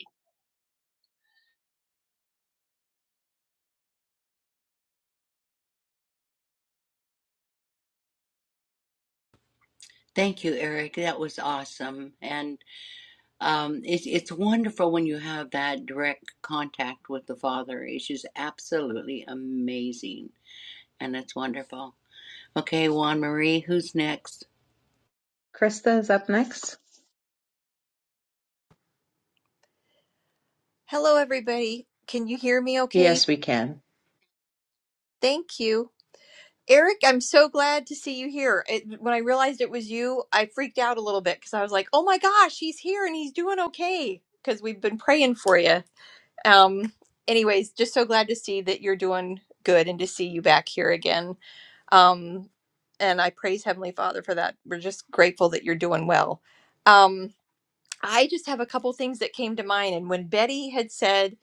Speaker 2: Thank you, Eric. That was awesome. And Um, it, it's wonderful when you have that direct contact with the Father. It's just absolutely amazing. And it's wonderful. Okay, Juan Marie, who's next?
Speaker 3: Krista is up next.
Speaker 5: Hello, everybody. Can you hear me okay?
Speaker 3: Yes, we can.
Speaker 5: Thank you. Eric, I'm so glad to see you here. It, when I realized it was you, I freaked out a little bit because I was like, oh my gosh, he's here and he's doing okay because we've been praying for you. Um, anyways, just so glad to see that you're doing good and to see you back here again. Um, and I praise Heavenly Father for that. We're just grateful that you're doing well. Um, I just have a couple things that came to mind. And when Betty had said,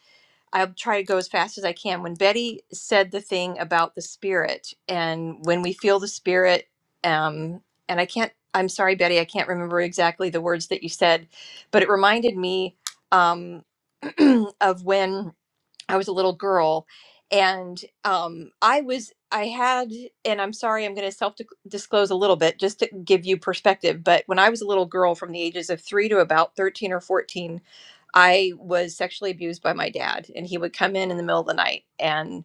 Speaker 5: I'll try to go as fast as I can. When Betty said the thing about the spirit, and when we feel the spirit, um, and I can't, I'm sorry, Betty, I can't remember exactly the words that you said, but it reminded me um, of when I was a little girl. And um, I was, I had, and I'm sorry, I'm going to self disclose a little bit just to give you perspective. But when I was a little girl from the ages of three to about 13 or 14, I was sexually abused by my dad, and he would come in in the middle of the night and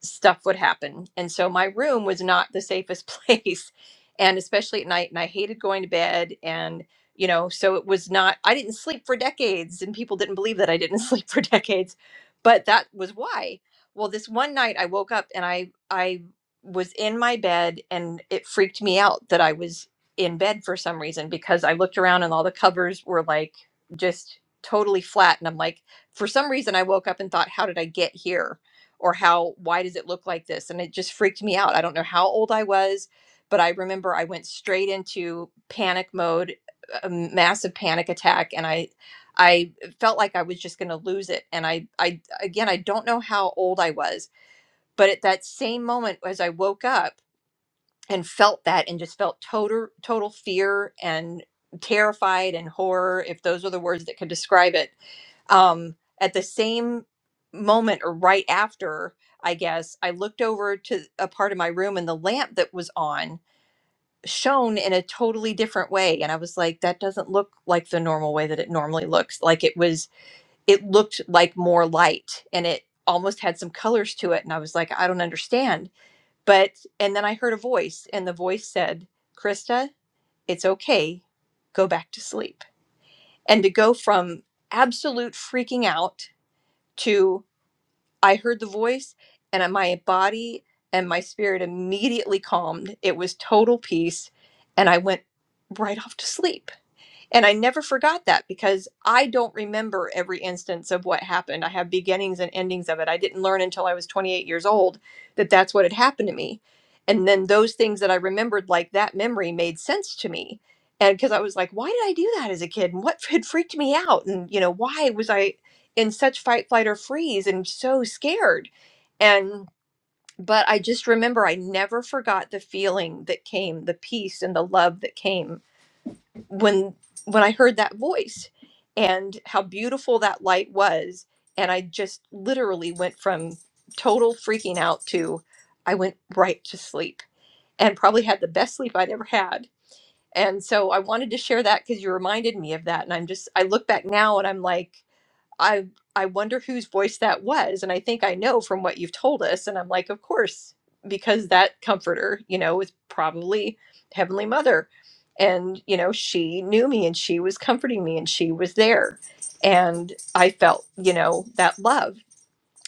Speaker 5: stuff would happen. And so my room was not the safest place. And especially at night, and I hated going to bed. And, you know, so it was not, I didn't sleep for decades. And people didn't believe that I didn't sleep for decades. But that was why. Well, this one night I woke up and I, I, was in my bed and it freaked me out that I was in bed for some reason because I looked around and all the covers were like just totally flat and I'm like for some reason I woke up and thought how did I get here or how why does it look like this and it just freaked me out i don't know how old i was but i remember i went straight into panic mode a massive panic attack and i i felt like i was just going to lose it and i i again i don't know how old i was but at that same moment as i woke up and felt that and just felt total total fear and terrified and horror if those are the words that could describe it um, at the same moment or right after, I guess, I looked over to a part of my room and the lamp that was on shone in a totally different way. And I was like, that doesn't look like the normal way that it normally looks. Like it was, it looked like more light and it almost had some colors to it. And I was like, I don't understand. But, and then I heard a voice and the voice said, Krista, it's okay. Go back to sleep. And to go from absolute freaking out to I heard the voice and my body and my spirit immediately calmed. It was total peace and I went right off to sleep. And I never forgot that because I don't remember every instance of what happened. I have beginnings and endings of it. I didn't learn until I was 28 years old that that's what had happened to me. And then those things that I remembered, like that memory, made sense to me. And because I was like, why did I do that as a kid? And what had freaked me out? And, you know, why was I in such fight, flight, or freeze and so scared? And, but I just remember I never forgot the feeling that came, the peace and the love that came when when I heard that voice and how beautiful that light was and I just literally went from total freaking out to I went right to sleep and probably had the best sleep I'd ever had. And so I wanted to share that cuz you reminded me of that and I'm just I look back now and I'm like I I wonder whose voice that was, and I think I know from what you've told us. And I'm like, of course, because that comforter, you know, was probably Heavenly Mother, and you know, she knew me and she was comforting me and she was there, and I felt, you know, that love.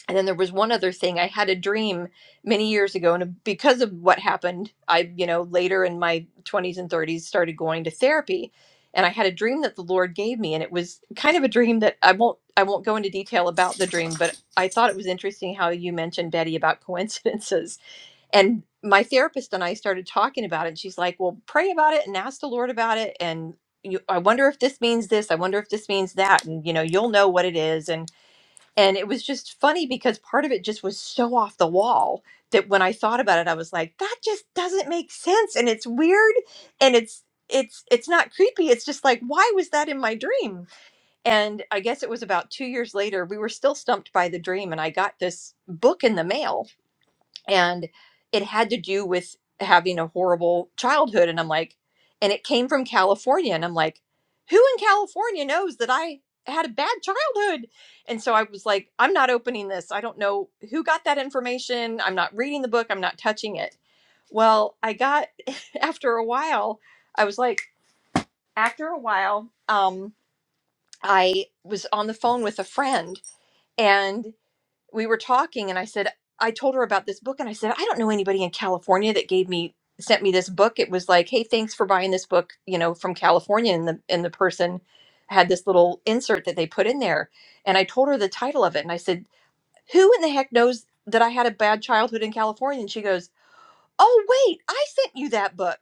Speaker 5: And then there was one other thing. I had a dream many years ago, and because of what happened, I, you know, later in my 20s and 30s started going to therapy. And I had a dream that the Lord gave me, and it was kind of a dream that I won't I won't go into detail about the dream, but I thought it was interesting how you mentioned Betty about coincidences. And my therapist and I started talking about it, and she's like, "Well, pray about it and ask the Lord about it, and you, I wonder if this means this. I wonder if this means that, and you know, you'll know what it is." And and it was just funny because part of it just was so off the wall that when I thought about it, I was like, that just doesn't make sense. And it's weird and it's it's it's not creepy. It's just like, why was that in my dream? And I guess it was about two years later, we were still stumped by the dream, and I got this book in the mail and it had to do with having a horrible childhood and i'm like and it came from california and i'm like who in california knows that i had a bad childhood and so i was like i'm not opening this i don't know who got that information i'm not reading the book i'm not touching it well i got after a while i was like after a while um i was on the phone with a friend and we were talking and I said, I told her about this book and I said, I don't know anybody in California that gave me sent me this book. It was like, hey, thanks for buying this book, you know, from California. And the and the person had this little insert that they put in there. And I told her the title of it and I said, Who in the heck knows that I had a bad childhood in California? And she goes, oh wait i sent you that book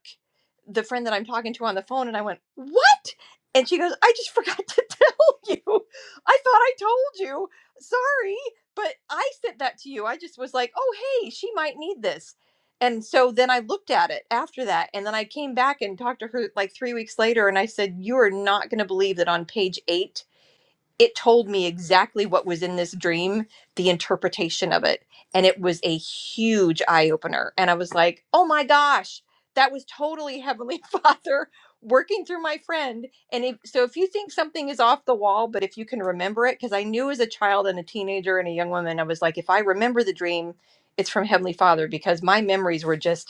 Speaker 5: the friend that i'm talking to on the phone and i went what and she goes i just forgot to tell you i thought i told you sorry but i sent that to you i just was like oh hey she might need this and so then i looked at it after that and then i came back and talked to her like three weeks later and i said you are not going to believe that on page eight it told me exactly what was in this dream, the interpretation of it. And it was a huge eye opener. And I was like, oh my gosh, that was totally Heavenly Father working through my friend. And if, so if you think something is off the wall, but if you can remember it, because I knew as a child and a teenager and a young woman, I was like, if I remember the dream, it's from Heavenly Father because my memories were just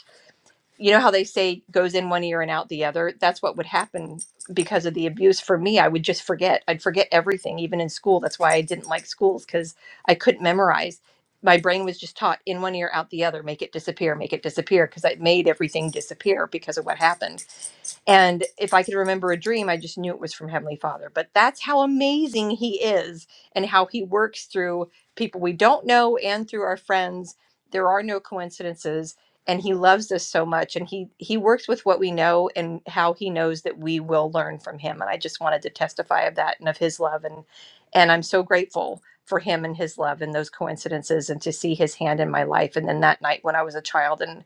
Speaker 5: you know how they say goes in one ear and out the other that's what would happen because of the abuse for me i would just forget i'd forget everything even in school that's why i didn't like schools because i couldn't memorize my brain was just taught in one ear out the other make it disappear make it disappear because i made everything disappear because of what happened and if I could remember a dream, I just knew it was from Heavenly Father. But that's how amazing He is and how He works through people we don't know and through our friends. There are no coincidences. And he loves us so much, and he he works with what we know, and how he knows that we will learn from him. And I just wanted to testify of that and of his love, and and I'm so grateful for him and his love and those coincidences, and to see his hand in my life. And then that night when I was a child, and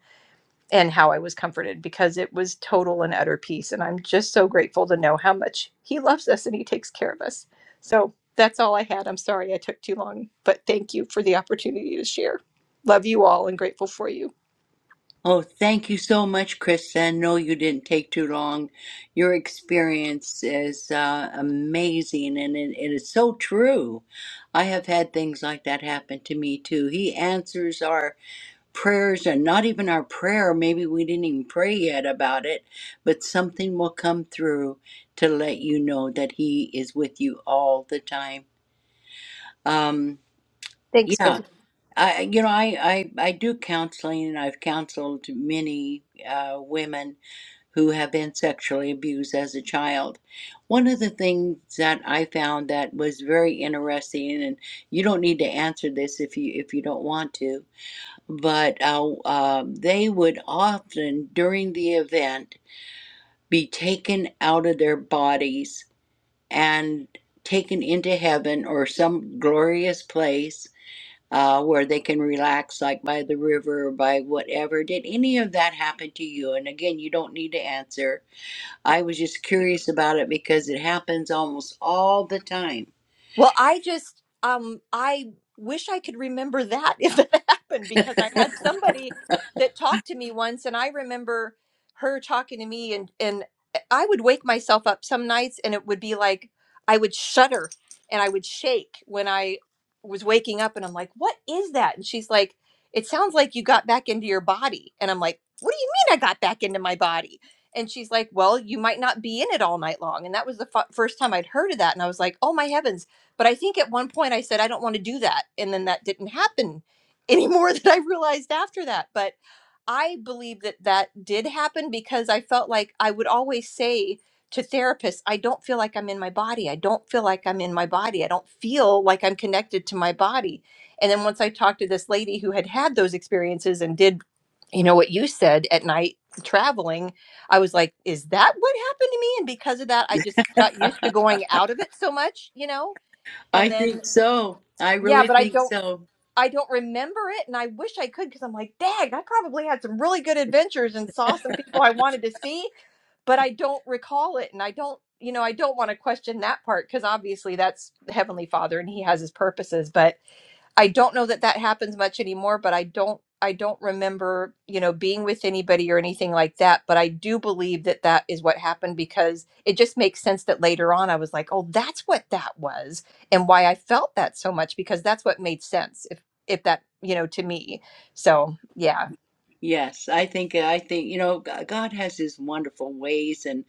Speaker 5: and how I was comforted because it was total and utter peace. And I'm just so grateful to know how much He loves us and He takes care of us. So that's all I had. I'm sorry I took too long, but thank you for the opportunity to share. Love you all and grateful for you.
Speaker 2: Oh, thank you so much, Krista. No, you didn't take too long. Your experience is uh, amazing and it, it is so true. I have had things like that happen to me too. He answers our prayers and not even our prayer maybe we didn't even pray yet about it but something will come through to let you know that he is with you all the time um
Speaker 5: Thanks, Ben.
Speaker 2: yeah i you know i i, I do counseling and i've counseled many uh, women who have been sexually abused as a child. One of the things that I found that was very interesting, and you don't need to answer this if you if you don't want to, but uh, um they would often during the event be taken out of their bodies and taken into heaven or some glorious place uh, where they can relax, like by the river or by whatever. Did any of that happen to you? And again, you don't need to answer. I was just curious about it because it happens almost all the time.
Speaker 5: Well, I just um I wish I could remember that if it happened because I had somebody that talked to me once and I remember her talking to me and and I would wake myself up some nights and it would be like I would shudder and I would shake when I was waking up and I'm like, "What is that?" And she's like, "It sounds like you got back into your body." And I'm like, "What do you mean I got back into my body?" And she's like, "Well, you might not be in it all night long." And that was the f- first time I'd heard of that and I was like, "Oh my heavens, but I think at one point I said, I don't want to do that. And then that didn't happen anymore than I realized after that. But I believe that that did happen because I felt like I would always say to therapists, I don't feel like I'm in my body. I don't feel like I'm in my body. I don't feel like I'm connected to my body. And then once I talked to this lady who had had those experiences and did, you know, what you said at night traveling, I was like, is that what happened to me? And because of that, I just got used to going out of it so much, you know?
Speaker 2: I
Speaker 5: and then
Speaker 2: think so. I
Speaker 5: yeah
Speaker 2: really
Speaker 5: but i
Speaker 2: think
Speaker 5: don't
Speaker 2: so.
Speaker 5: i don't remember it and i wish i could because i'm like dang, i probably had some really good adventures and saw some people i wanted to see but i don't recall it and i don't you know i don't want to question that part because obviously that's the heavenly father and he has his purposes but I don't know that that happens much anymore, but I don't I don't remember, you know, being with anybody or anything like that, but I do believe that that is what happened because it just makes sense that later on I was like, "Oh, that's what that was and why I felt that so much because that's what made sense if if that, you know, to me." So, yeah.
Speaker 2: Yes, I think uh, I think you know G- God has his wonderful ways and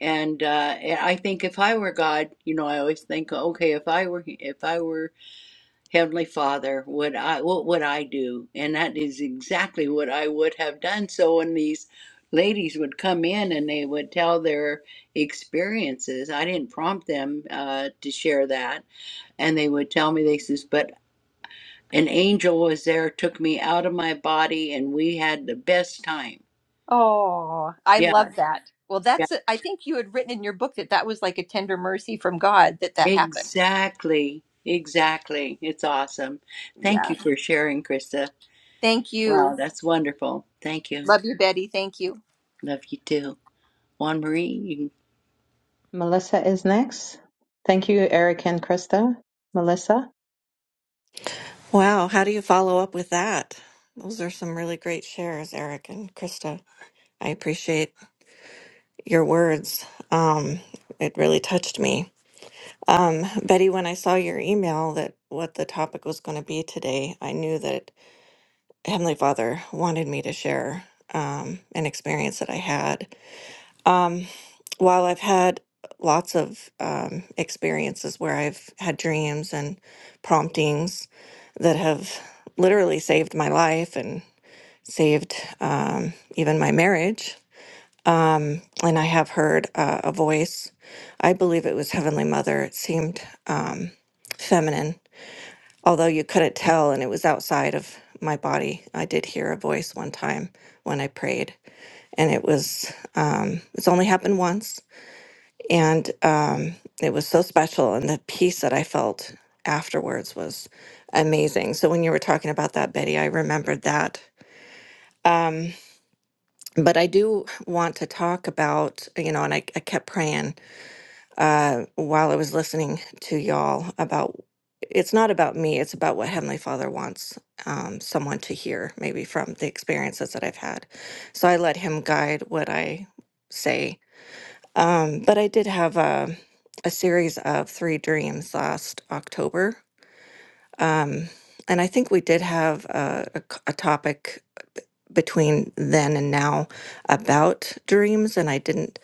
Speaker 2: and uh and I think if I were God, you know, I always think okay, if I were if I were Heavenly Father, would I what would I do? And that is exactly what I would have done. So when these ladies would come in and they would tell their experiences, I didn't prompt them uh to share that, and they would tell me they says, "But an angel was there, took me out of my body, and we had the best time."
Speaker 5: Oh, I
Speaker 2: Yeah,
Speaker 5: love that. Well,
Speaker 2: Yeah,
Speaker 5: that's, I think you had written in your book that that was like a tender mercy from God that that happened.
Speaker 2: exactly. Exactly. It's awesome. Thank
Speaker 5: Yeah.
Speaker 2: you for sharing, Krista.
Speaker 5: Thank
Speaker 2: Wow,
Speaker 5: you.
Speaker 2: that's wonderful. Thank you.
Speaker 5: Love you, Betty. Thank you.
Speaker 2: Love you too. Juan Marie, you can-
Speaker 3: Melissa is next. Thank you, Eric and Krista. Melissa.
Speaker 6: Wow, how do you follow up with that? Those are some really great shares, Eric and Krista. I appreciate your words. Um, it really touched me. Um, Betty, when I saw your email that what the topic was going to be today, I knew that Heavenly Father wanted me to share um, an experience that I had. Um, while I've had lots of um, experiences where I've had dreams and promptings that have literally saved my life and saved um, even my marriage. Um, and I have heard uh, a voice. I believe it was Heavenly Mother. It seemed um, feminine, although you couldn't tell, and it was outside of my body. I did hear a voice one time when I prayed, and it was, um, it's only happened once. And um, it was so special. And the peace that I felt afterwards was amazing. So when you were talking about that, Betty, I remembered that. Um, but I do want to talk about, you know, and I, I kept praying uh, while I was listening to y'all about it's not about me, it's about what Heavenly Father wants um, someone to hear, maybe from the experiences that I've had. So I let Him guide what I say. Um, but I did have a, a series of three dreams last October. Um, and I think we did have a, a c- a topic between then and now about dreams, and I didn't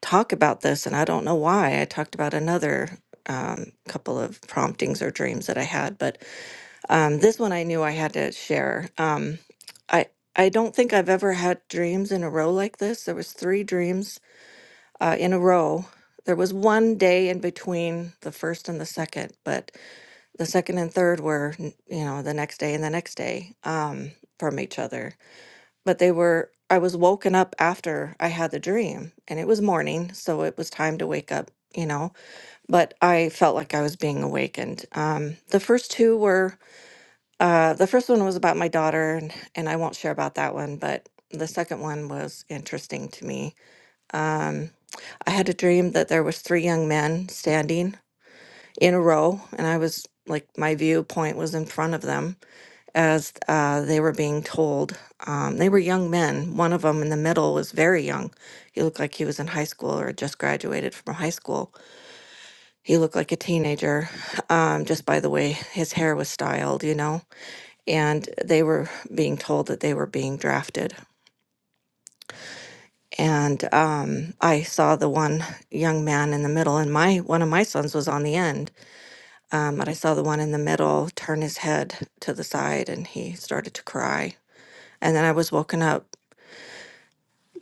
Speaker 6: talk about this, and I don't know why. I talked about another um, couple of promptings or dreams that I had, but um, this one I knew I had to share. Um, I I don't think I've ever had dreams in a row like this. There was three dreams uh, in a row. There was one day in between the first and the second, but the second and third were, n- you know, the next day and the next day um, from each other but they were I was woken up after I had the dream and it was morning, so it was time to wake up, you know, but I felt like I was being awakened. Um the first two were uh the first one was about my daughter and, and I won't share about that one, but the second one was interesting to me. Um I had a dream that there was three young men standing in a row and I was like my viewpoint was in front of them as uh, they were being told. Um, they were young men. One of them in the middle was very young. He looked like he was in high school or had just graduated from high school. He looked like a teenager um, just by the way his hair was styled, you know. And they were being told that they were being drafted. And um, I saw the one young man in the middle, and my one of my sons was on the end. Um, but I saw the one in the middle turn his head to the side, and he started to cry. And then I was woken up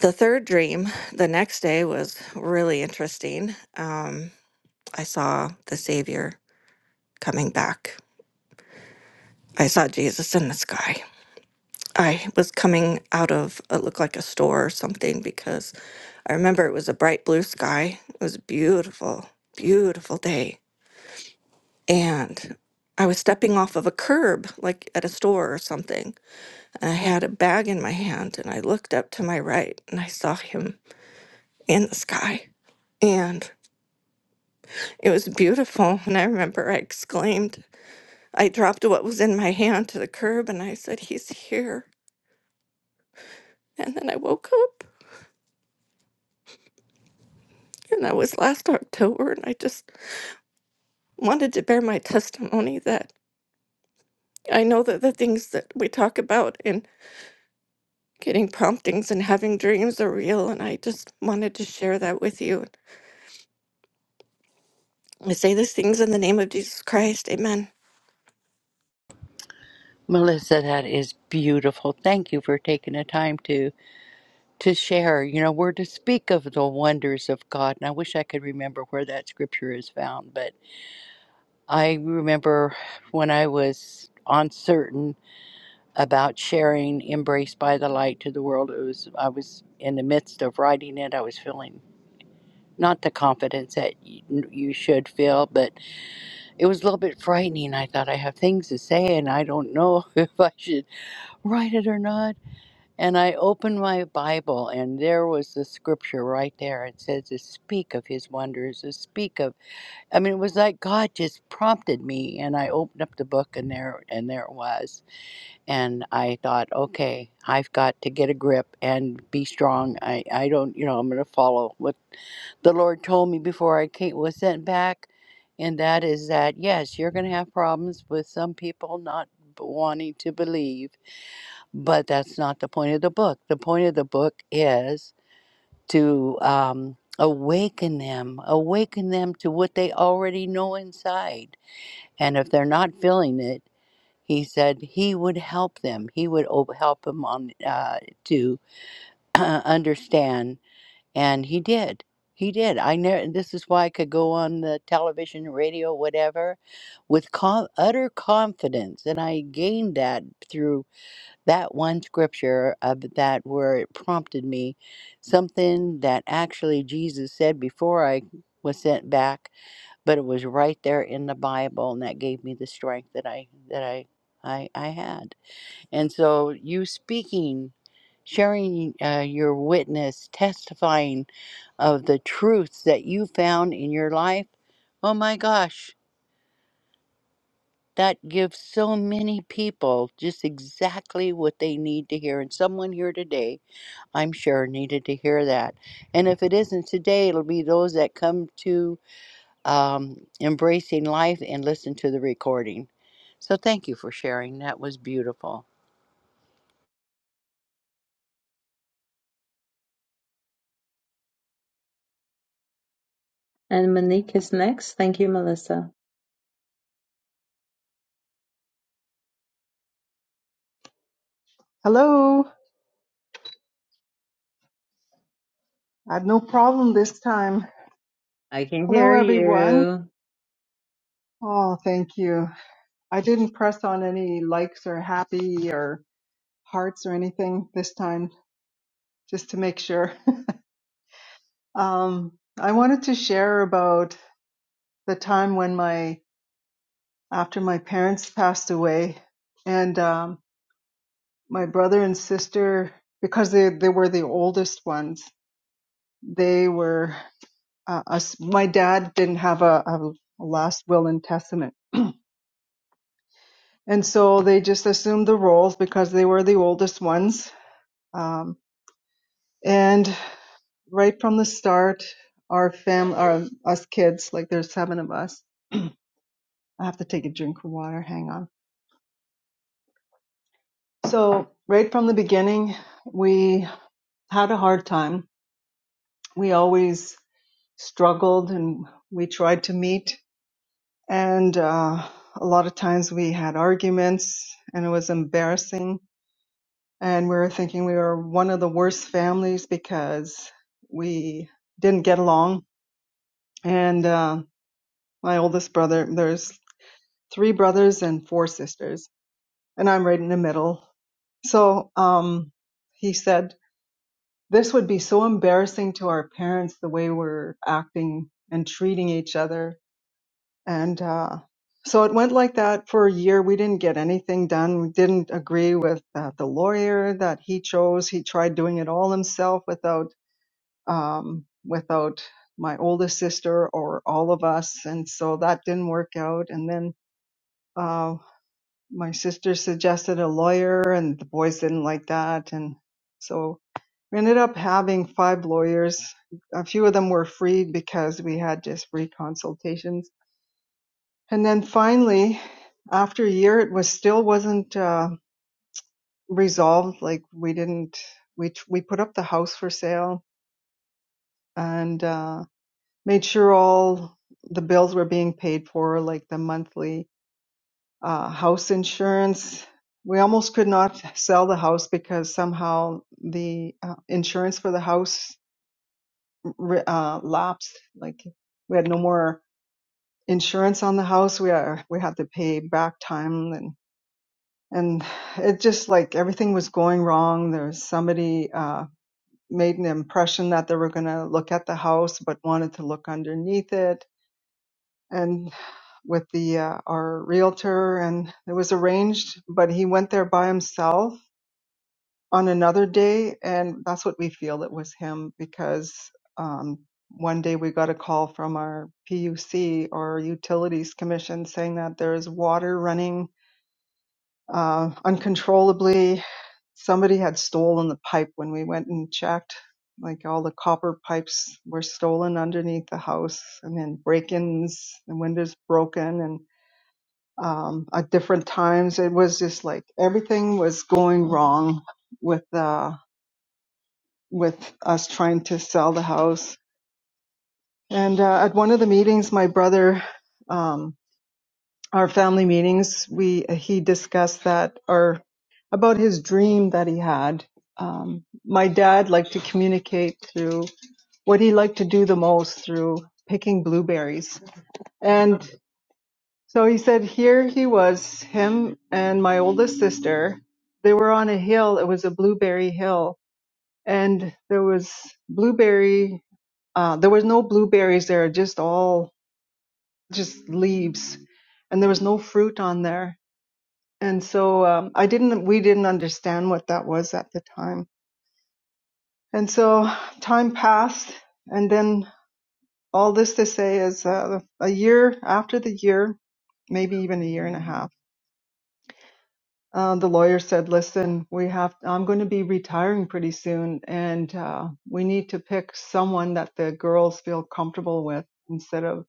Speaker 6: The third dream the next day was really interesting. Um, I saw the Savior coming back. I saw Jesus in the sky. I was coming out of it looked like a store or something because I remember it was a bright blue sky. It was a beautiful, beautiful day. And I was stepping off of a curb, like at a store or something, and I had a bag in my hand and I looked up to my right and I saw him in the sky. and. It was beautiful, and I remember I exclaimed, I dropped what was in my hand to the curb and I said, He's here. And then I woke up, and that was last October, and I just wanted to bear my testimony that I know that the things that we talk about in getting promptings and having dreams are real, and I just wanted to share that with you. I say these things in the name of Jesus Christ. Amen.
Speaker 2: Melissa, that is beautiful. Thank you for taking the time to to share. You know, we're to speak of the wonders of God, and I wish I could remember where that scripture is found, but I remember when I was uncertain. about sharing embraced by the light to the world it was i was in the midst of writing it i was feeling not the confidence that you, you should feel but it was a little bit frightening i thought i have things to say and i don't know if i should write it or not and i opened my bible and there was the scripture right there it says to speak of his wonders to speak of i mean it was like god just prompted me and i opened up the book and there and there it was and I thought, okay, I've got to get a grip and be strong. I, I don't, you know, I'm going to follow what the Lord told me before I came, was sent back. And that is that, yes, you're going to have problems with some people not b- wanting to believe, but that's not the point of the book. The point of the book is to um, awaken them, awaken them to what they already know inside. And if they're not feeling it, he said he would help them. He would o- help them on uh, to understand, and he did. He did. I never. This is why I could go on the television, radio, whatever, with com- utter confidence, and I gained that through that one scripture of that where it prompted me something that actually Jesus said before I was sent back, but it was right there in the Bible, and that gave me the strength that I that I I, I had. And so you speaking, sharing uh, your witness, testifying of the truths that you found in your life, oh my gosh, that gives so many people just exactly what they need to hear. And someone here today, I'm sure, needed to hear that. And if it isn't today, it'll be those that come to um, Embracing Life and listen to the recording. So thank you for sharing. That was beautiful.
Speaker 3: And Monique is next. Thank you, Melissa.
Speaker 7: Hello. I had no problem this time.
Speaker 3: I can hear
Speaker 7: Hello, everyone.
Speaker 3: you.
Speaker 7: Oh, thank you. I didn't press on any likes or happy or hearts or anything this time, just to make sure. Um, I wanted to share about the time when my, after my parents passed away and, um, my brother and sister, because they, they were the oldest ones, they were, uh, us, my dad didn't have a, a last will and testament and so they just assumed the roles because they were the oldest ones. Um, and right from the start, our family, our us kids, like there's seven of us. I have to take a drink of water. Hang on. So right from the beginning, we had a hard time. We always struggled, and we tried to meet, and uh, a lot of times we had arguments, and it was embarrassing and we were thinking we were one of the worst families because we didn't get along. And uh, my oldest brother, there's three brothers and four sisters, and I'm right in the middle. So um, he said, This would be so embarrassing to our parents the way we're acting and treating each other. And uh, so it went like that for a year. We didn't get anything done. We didn't agree with uh, the lawyer that he chose. He tried doing it all himself without um, without my oldest sister or all of us. And so that didn't work out. And then uh, my sister suggested a lawyer, and the boys didn't like that. And so we ended up having five lawyers. A few of them were freed because we had just free consultations. And then finally, after a year, it was still wasn't uh, resolved. Like we didn't, we we put up the house for sale, and uh, made sure all the bills were being paid for, like the monthly uh, house insurance. We almost could not sell the house because somehow the uh, insurance for the house uh, lapsed. Like we had no more insurance on the house. We are, we had to pay back time and and it just like everything was going wrong. There was somebody uh, made an impression that they were going to look at the house but wanted to look underneath it and with the uh, our realtor and it was arranged but he went there by himself on another day and that's what we feel it was him because um, one day we got a call from our PUC or utilities commission saying that there's water running uh, uncontrollably somebody had stolen the pipe when we went and checked like all the copper pipes were stolen underneath the house and then break-ins and windows broken and um, at different times. It was just like everything was going wrong with uh, with us trying to sell the house. And uh, at one of the meetings, my brother, um, our family meetings, we he discussed that or about his dream that he had. Um, my dad liked to communicate through what he liked to do the most through picking blueberries, and. So he said, here he was, him and my oldest sister. They were on a hill. It was a blueberry hill. And there was blueberry, uh, there was no blueberries there, just all, just leaves. And there was no fruit on there. And so um, I didn't, we didn't understand what that was at the time. And so time passed. And then all this to say is uh, a year after the year, maybe even a year and a half Uh, the lawyer said, "Listen, we have. I'm going to be retiring pretty soon, and uh, we need to pick someone that the girls feel comfortable with instead of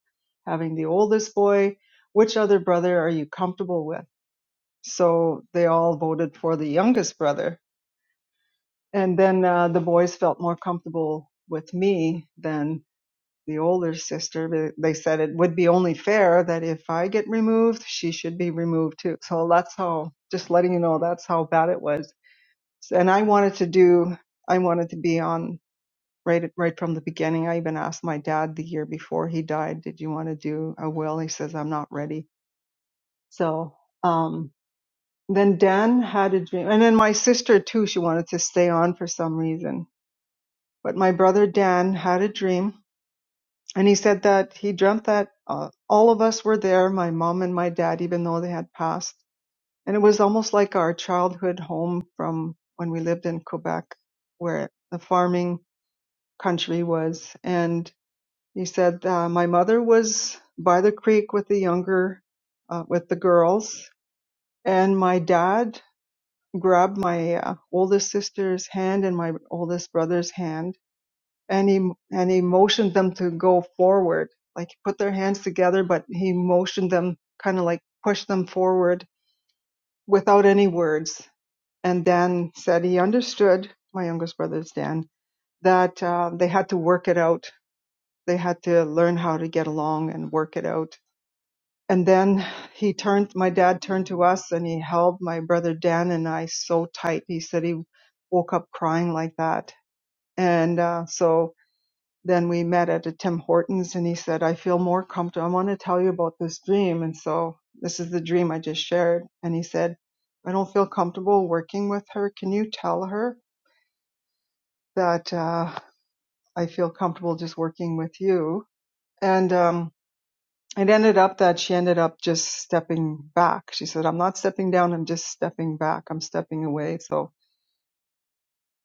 Speaker 7: having the oldest boy. Which other brother are you comfortable with?" So they all voted for the youngest brother, and then uh, the boys felt more comfortable with me than the older sister. They they said it would be only fair that if I get removed, she should be removed too. So that's how. Just letting you know, that's how bad it was and I wanted to do, I wanted to be on right right from the beginning. I even asked my dad the year before he died, "Did you want to do a will?" He says, "I'm not ready." So um, then Dan had a dream, and then my sister too. She wanted to stay on for some reason, but my brother Dan had a dream, and he said that he dreamt that uh, all of us were there, my mom and my dad, even though they had passed, and it was almost like our childhood home from when we lived in Quebec, where the farming country was. And he said, uh, my mother was by the creek with the younger, uh, with the girls, and my dad grabbed my uh, oldest sister's hand and my oldest brother's hand, and he and he motioned them to go forward, like put their hands together, but he motioned them kind of like pushed them forward without any words. And Dan said he understood my youngest brother's Dan that uh, they had to work it out They had to learn how to get along and work it out. And then he turned, my dad turned to us and he held my brother Dan and I so tight. He said he woke up crying like that. And uh, so then we met at a Tim Hortons and he said, I feel more comfortable. I want to tell you about this dream. And so this is the dream I just shared. And he said, I don't feel comfortable working with her. Can you tell her that uh, I feel comfortable just working with you? And um, It ended up that she ended up just stepping back. She said, I'm not stepping down, I'm just stepping back. I'm stepping away. So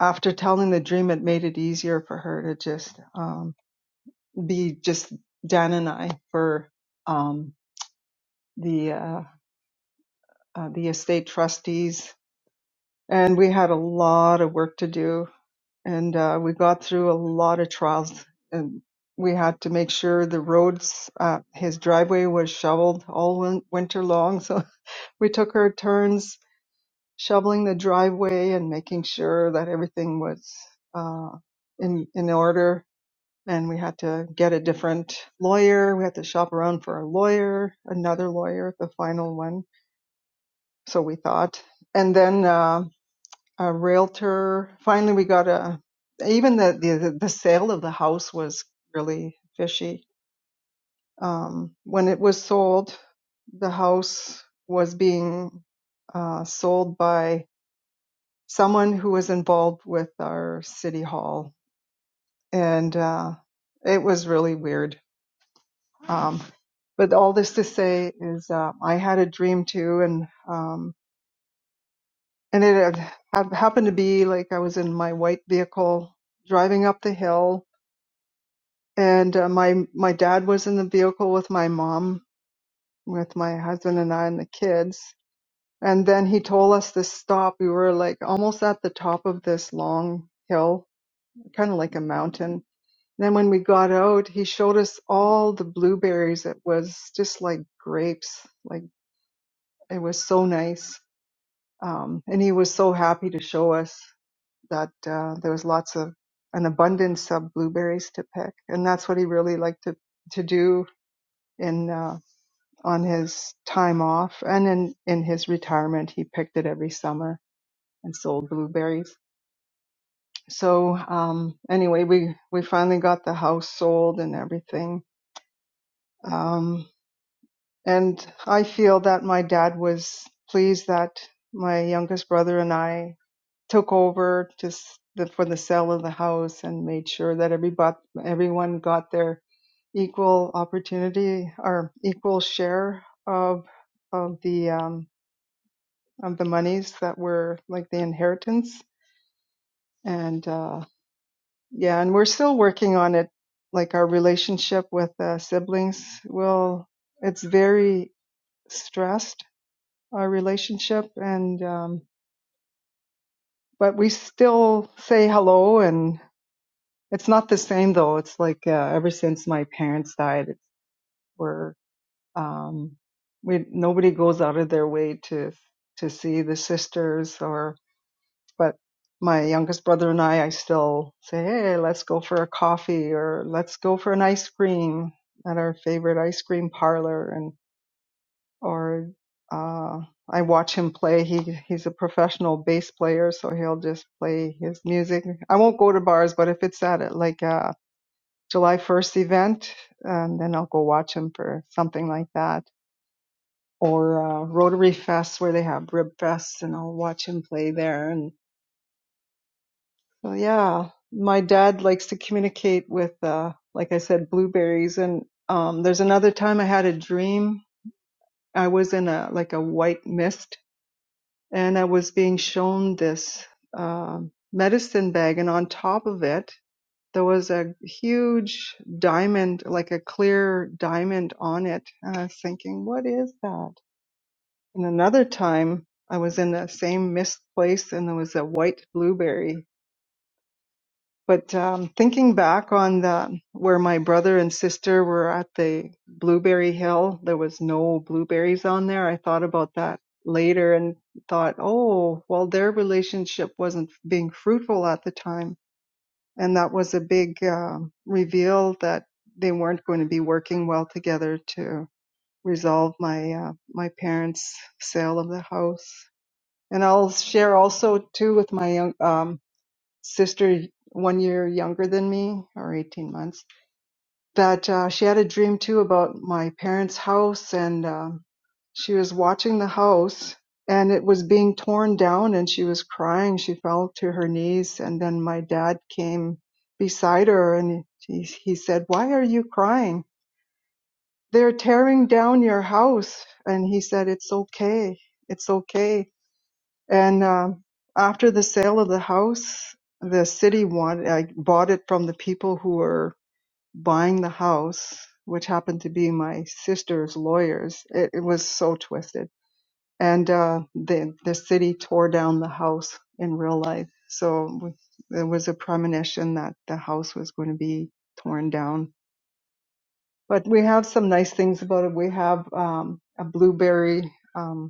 Speaker 7: after telling the dream, it made it easier for her to just um, be just Dan and I for um, the uh, uh, the estate trustees. And we had a lot of work to do, and uh, we got through a lot of trials. And we had to make sure the roads, uh, his driveway was shoveled all win- winter long. So we took our turns shoveling the driveway and making sure that everything was uh, in in order. And we had to get a different lawyer. We had to shop around for a lawyer, another lawyer, the final one. So we thought, and then uh, a realtor. Finally, we got a. Even the the the sale of the house was really fishy. Um, when it was sold, the house was being uh, sold by someone who was involved with our city hall, and uh, it was really weird. Um, but all this to say is, uh, I had a dream too, and um, and it had, had happened to be like I was in my white vehicle driving up the hill, and uh, my my dad was in the vehicle with my mom, with my husband and I and the kids. And then he told us to stop. We were like almost at the top of this long hill, kind of like a mountain Then when we got out, he showed us all the blueberries. It was just like grapes. Like it was so nice. Um, and he was so happy to show us that uh, there was lots of an abundance of blueberries to pick. And that's what he really liked to, to do in uh, on his time off and in, in his retirement. He picked it every summer and sold blueberries. So um, anyway, we, we finally got the house sold and everything. Um, And I feel that my dad was pleased that my youngest brother and I took over just the, for the sale of the house and made sure that everybody, everyone got their equal opportunity or equal share of of the um, of the monies that were like the inheritance. And uh, yeah, and we're still working on it. Like our relationship with uh, siblings, will it's very stressed our relationship and um but we still say hello and it's not the same though it's like uh, ever since my parents died it's, we're um we nobody goes out of their way to to see the sisters or but my youngest brother and I I still say hey let's go for a coffee or let's go for an ice cream at our favorite ice cream parlor or uh, I watch him play. He he's a professional bass player, so he'll just play his music. I won't go to bars, but if it's at a, like a July 1st event, um, then I'll go watch him for something like that. Or uh, Rotary Fest where they have rib fests, and I'll watch him play there. And so yeah, my dad likes to communicate with, uh, like I said, blueberries. And um, there's another time I had a dream. I was in a like a white mist and I was being shown this uh, medicine bag, and on top of it, there was a huge diamond, like a clear diamond on it. And I was thinking, what is that? And another time, I was in the same mist place, and there was a white blueberry but um, thinking back on the where my brother and sister were at the Blueberry Hill, there was no blueberries on there. I thought about that later and thought, oh, well, their relationship wasn't being fruitful at the time, and that was a big um reveal that they weren't going to be working well together to resolve my uh, my parents' sale of the house. And I'll share also too with my young, um, sister one year younger than me or 18 months that uh, she had a dream too about my parents' house and um, she was watching the house and it was being torn down and she was crying. She fell to her knees and then my dad came beside her and he, he said, why are you crying? They're tearing down your house. And he said, it's okay. It's okay and um, after the sale of the house, the city wanted, I bought it from the people who were buying the house, which happened to be my sister's lawyers. It, it was so twisted. And uh, the, the city tore down the house in real life. So we- there was a premonition that the house was going to be torn down. But we have some nice things about it. We have um, a blueberry. um,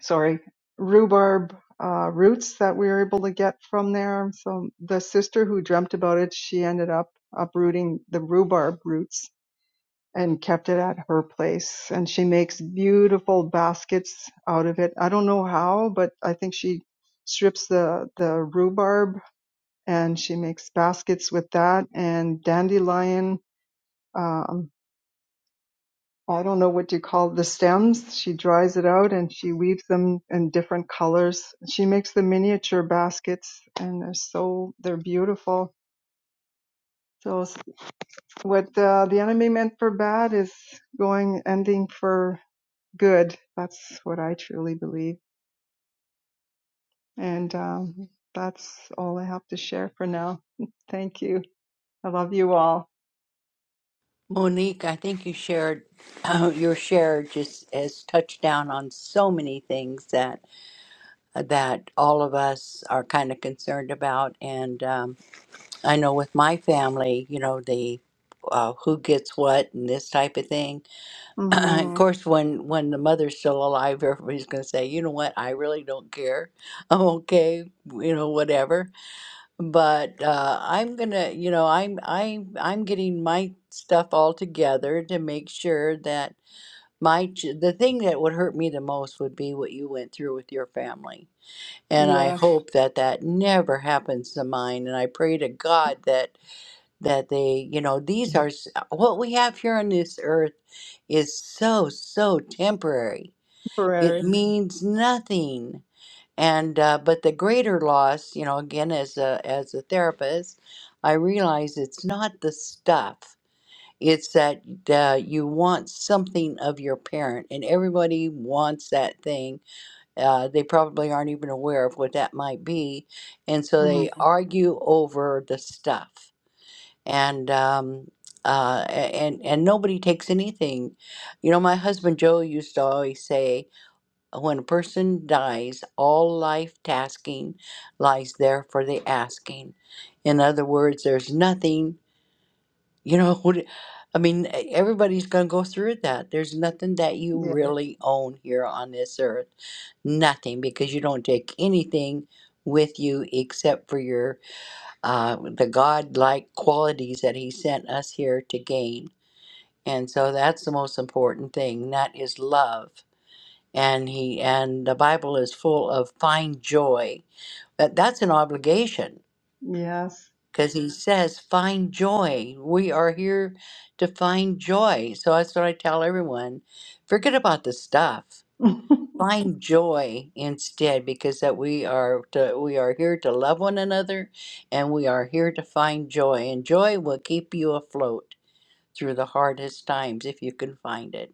Speaker 7: sorry, rhubarb uh, roots that we were able to get from there. So the sister who dreamt about it, she ended up uprooting the rhubarb roots and kept it at her place. And she makes beautiful baskets out of it. I don't know how, but I think she strips the, the rhubarb and she makes baskets with that and dandelion. um, I don't know what you call the stems. She dries it out and she weaves them in different colors. She makes the miniature baskets and they're so, they're beautiful. So s- what uh, the enemy meant for bad is going, ending for good. That's what I truly believe. And um, that's all I have to share for now. Thank you. I love you all.
Speaker 2: Monique, I think you shared your share just has touched down on so many things that uh, that all of us are kind of concerned about, and um, I know with my family, you know the uh, who gets what and this type of thing. of
Speaker 7: hmm
Speaker 2: course, when when the mother's still alive, everybody's going to say, you know what, I really don't care. I'm okay, you know, whatever but uh, I'm gonna, you know, I'm I I'm getting my stuff all together to make sure that my ch the thing that would hurt me the most would be what you went through with your family, and I
Speaker 7: Yes,
Speaker 2: hope that that never happens to mine. And I pray to God that that they, you know, these are s- what we have here on this earth is so so temporary. It Mhm.
Speaker 7: Ferrari.
Speaker 2: means nothing and uh, but the greater loss you know again as a as a therapist i realize it's not the stuff it's that uh, you want something of your parent and everybody wants that thing uh, they probably aren't even aware of what that might be and so
Speaker 7: hmm
Speaker 2: they argue over the stuff and um, uh, a- and and nobody takes anything you know my husband joe used to always say when a person dies, all life tasking lies there for the asking. In other words, there's nothing, you know, what I mean, e- everybody's going to go through that. There's nothing that you
Speaker 7: Yeah.
Speaker 2: really own here on this earth. Nothing, because you don't take anything with you except for your uh, the godlike qualities that he sent us here to gain and so that's the most important thing that is love and he and the bible is full of find joy that that's an obligation
Speaker 7: Yes.
Speaker 2: because he Mhm. says find joy we are here to find joy so that's what i tell everyone forget about the stuff
Speaker 7: yeah.
Speaker 2: find joy instead because that we are to, we are here to love one another and we are here to find joy and joy will keep you afloat through the hardest times if you can find it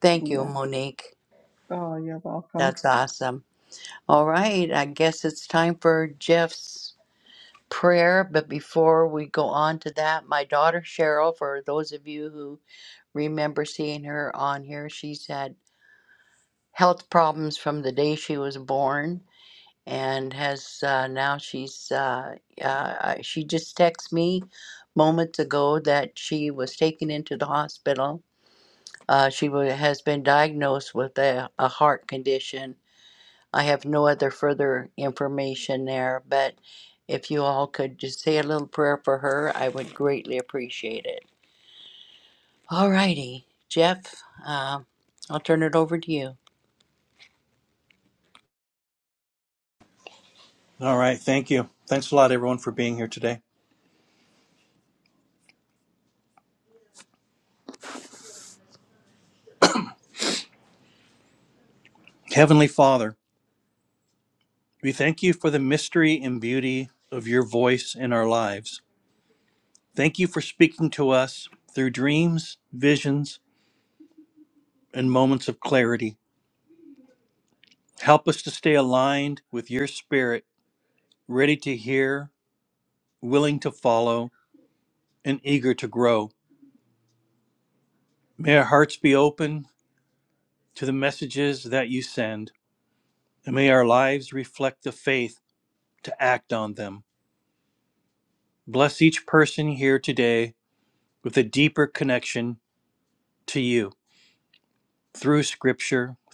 Speaker 2: thank you monique
Speaker 7: Oh, you're welcome.
Speaker 2: that's awesome All right, I guess it's time for Jeff's prayer. But before we go on to that, my daughter Cheryl, for those of you who remember seeing her on here, she's had health problems from the day she was born and has uh, now she's uh, uh, she just texted me moments ago that she was taken into the hospital. Uh, she wa has been diagnosed with a, a heart condition I have no other further information there, but if you all could just say a little prayer for her, I would greatly appreciate it. All righty, Jeff, um, I'll turn it over to you.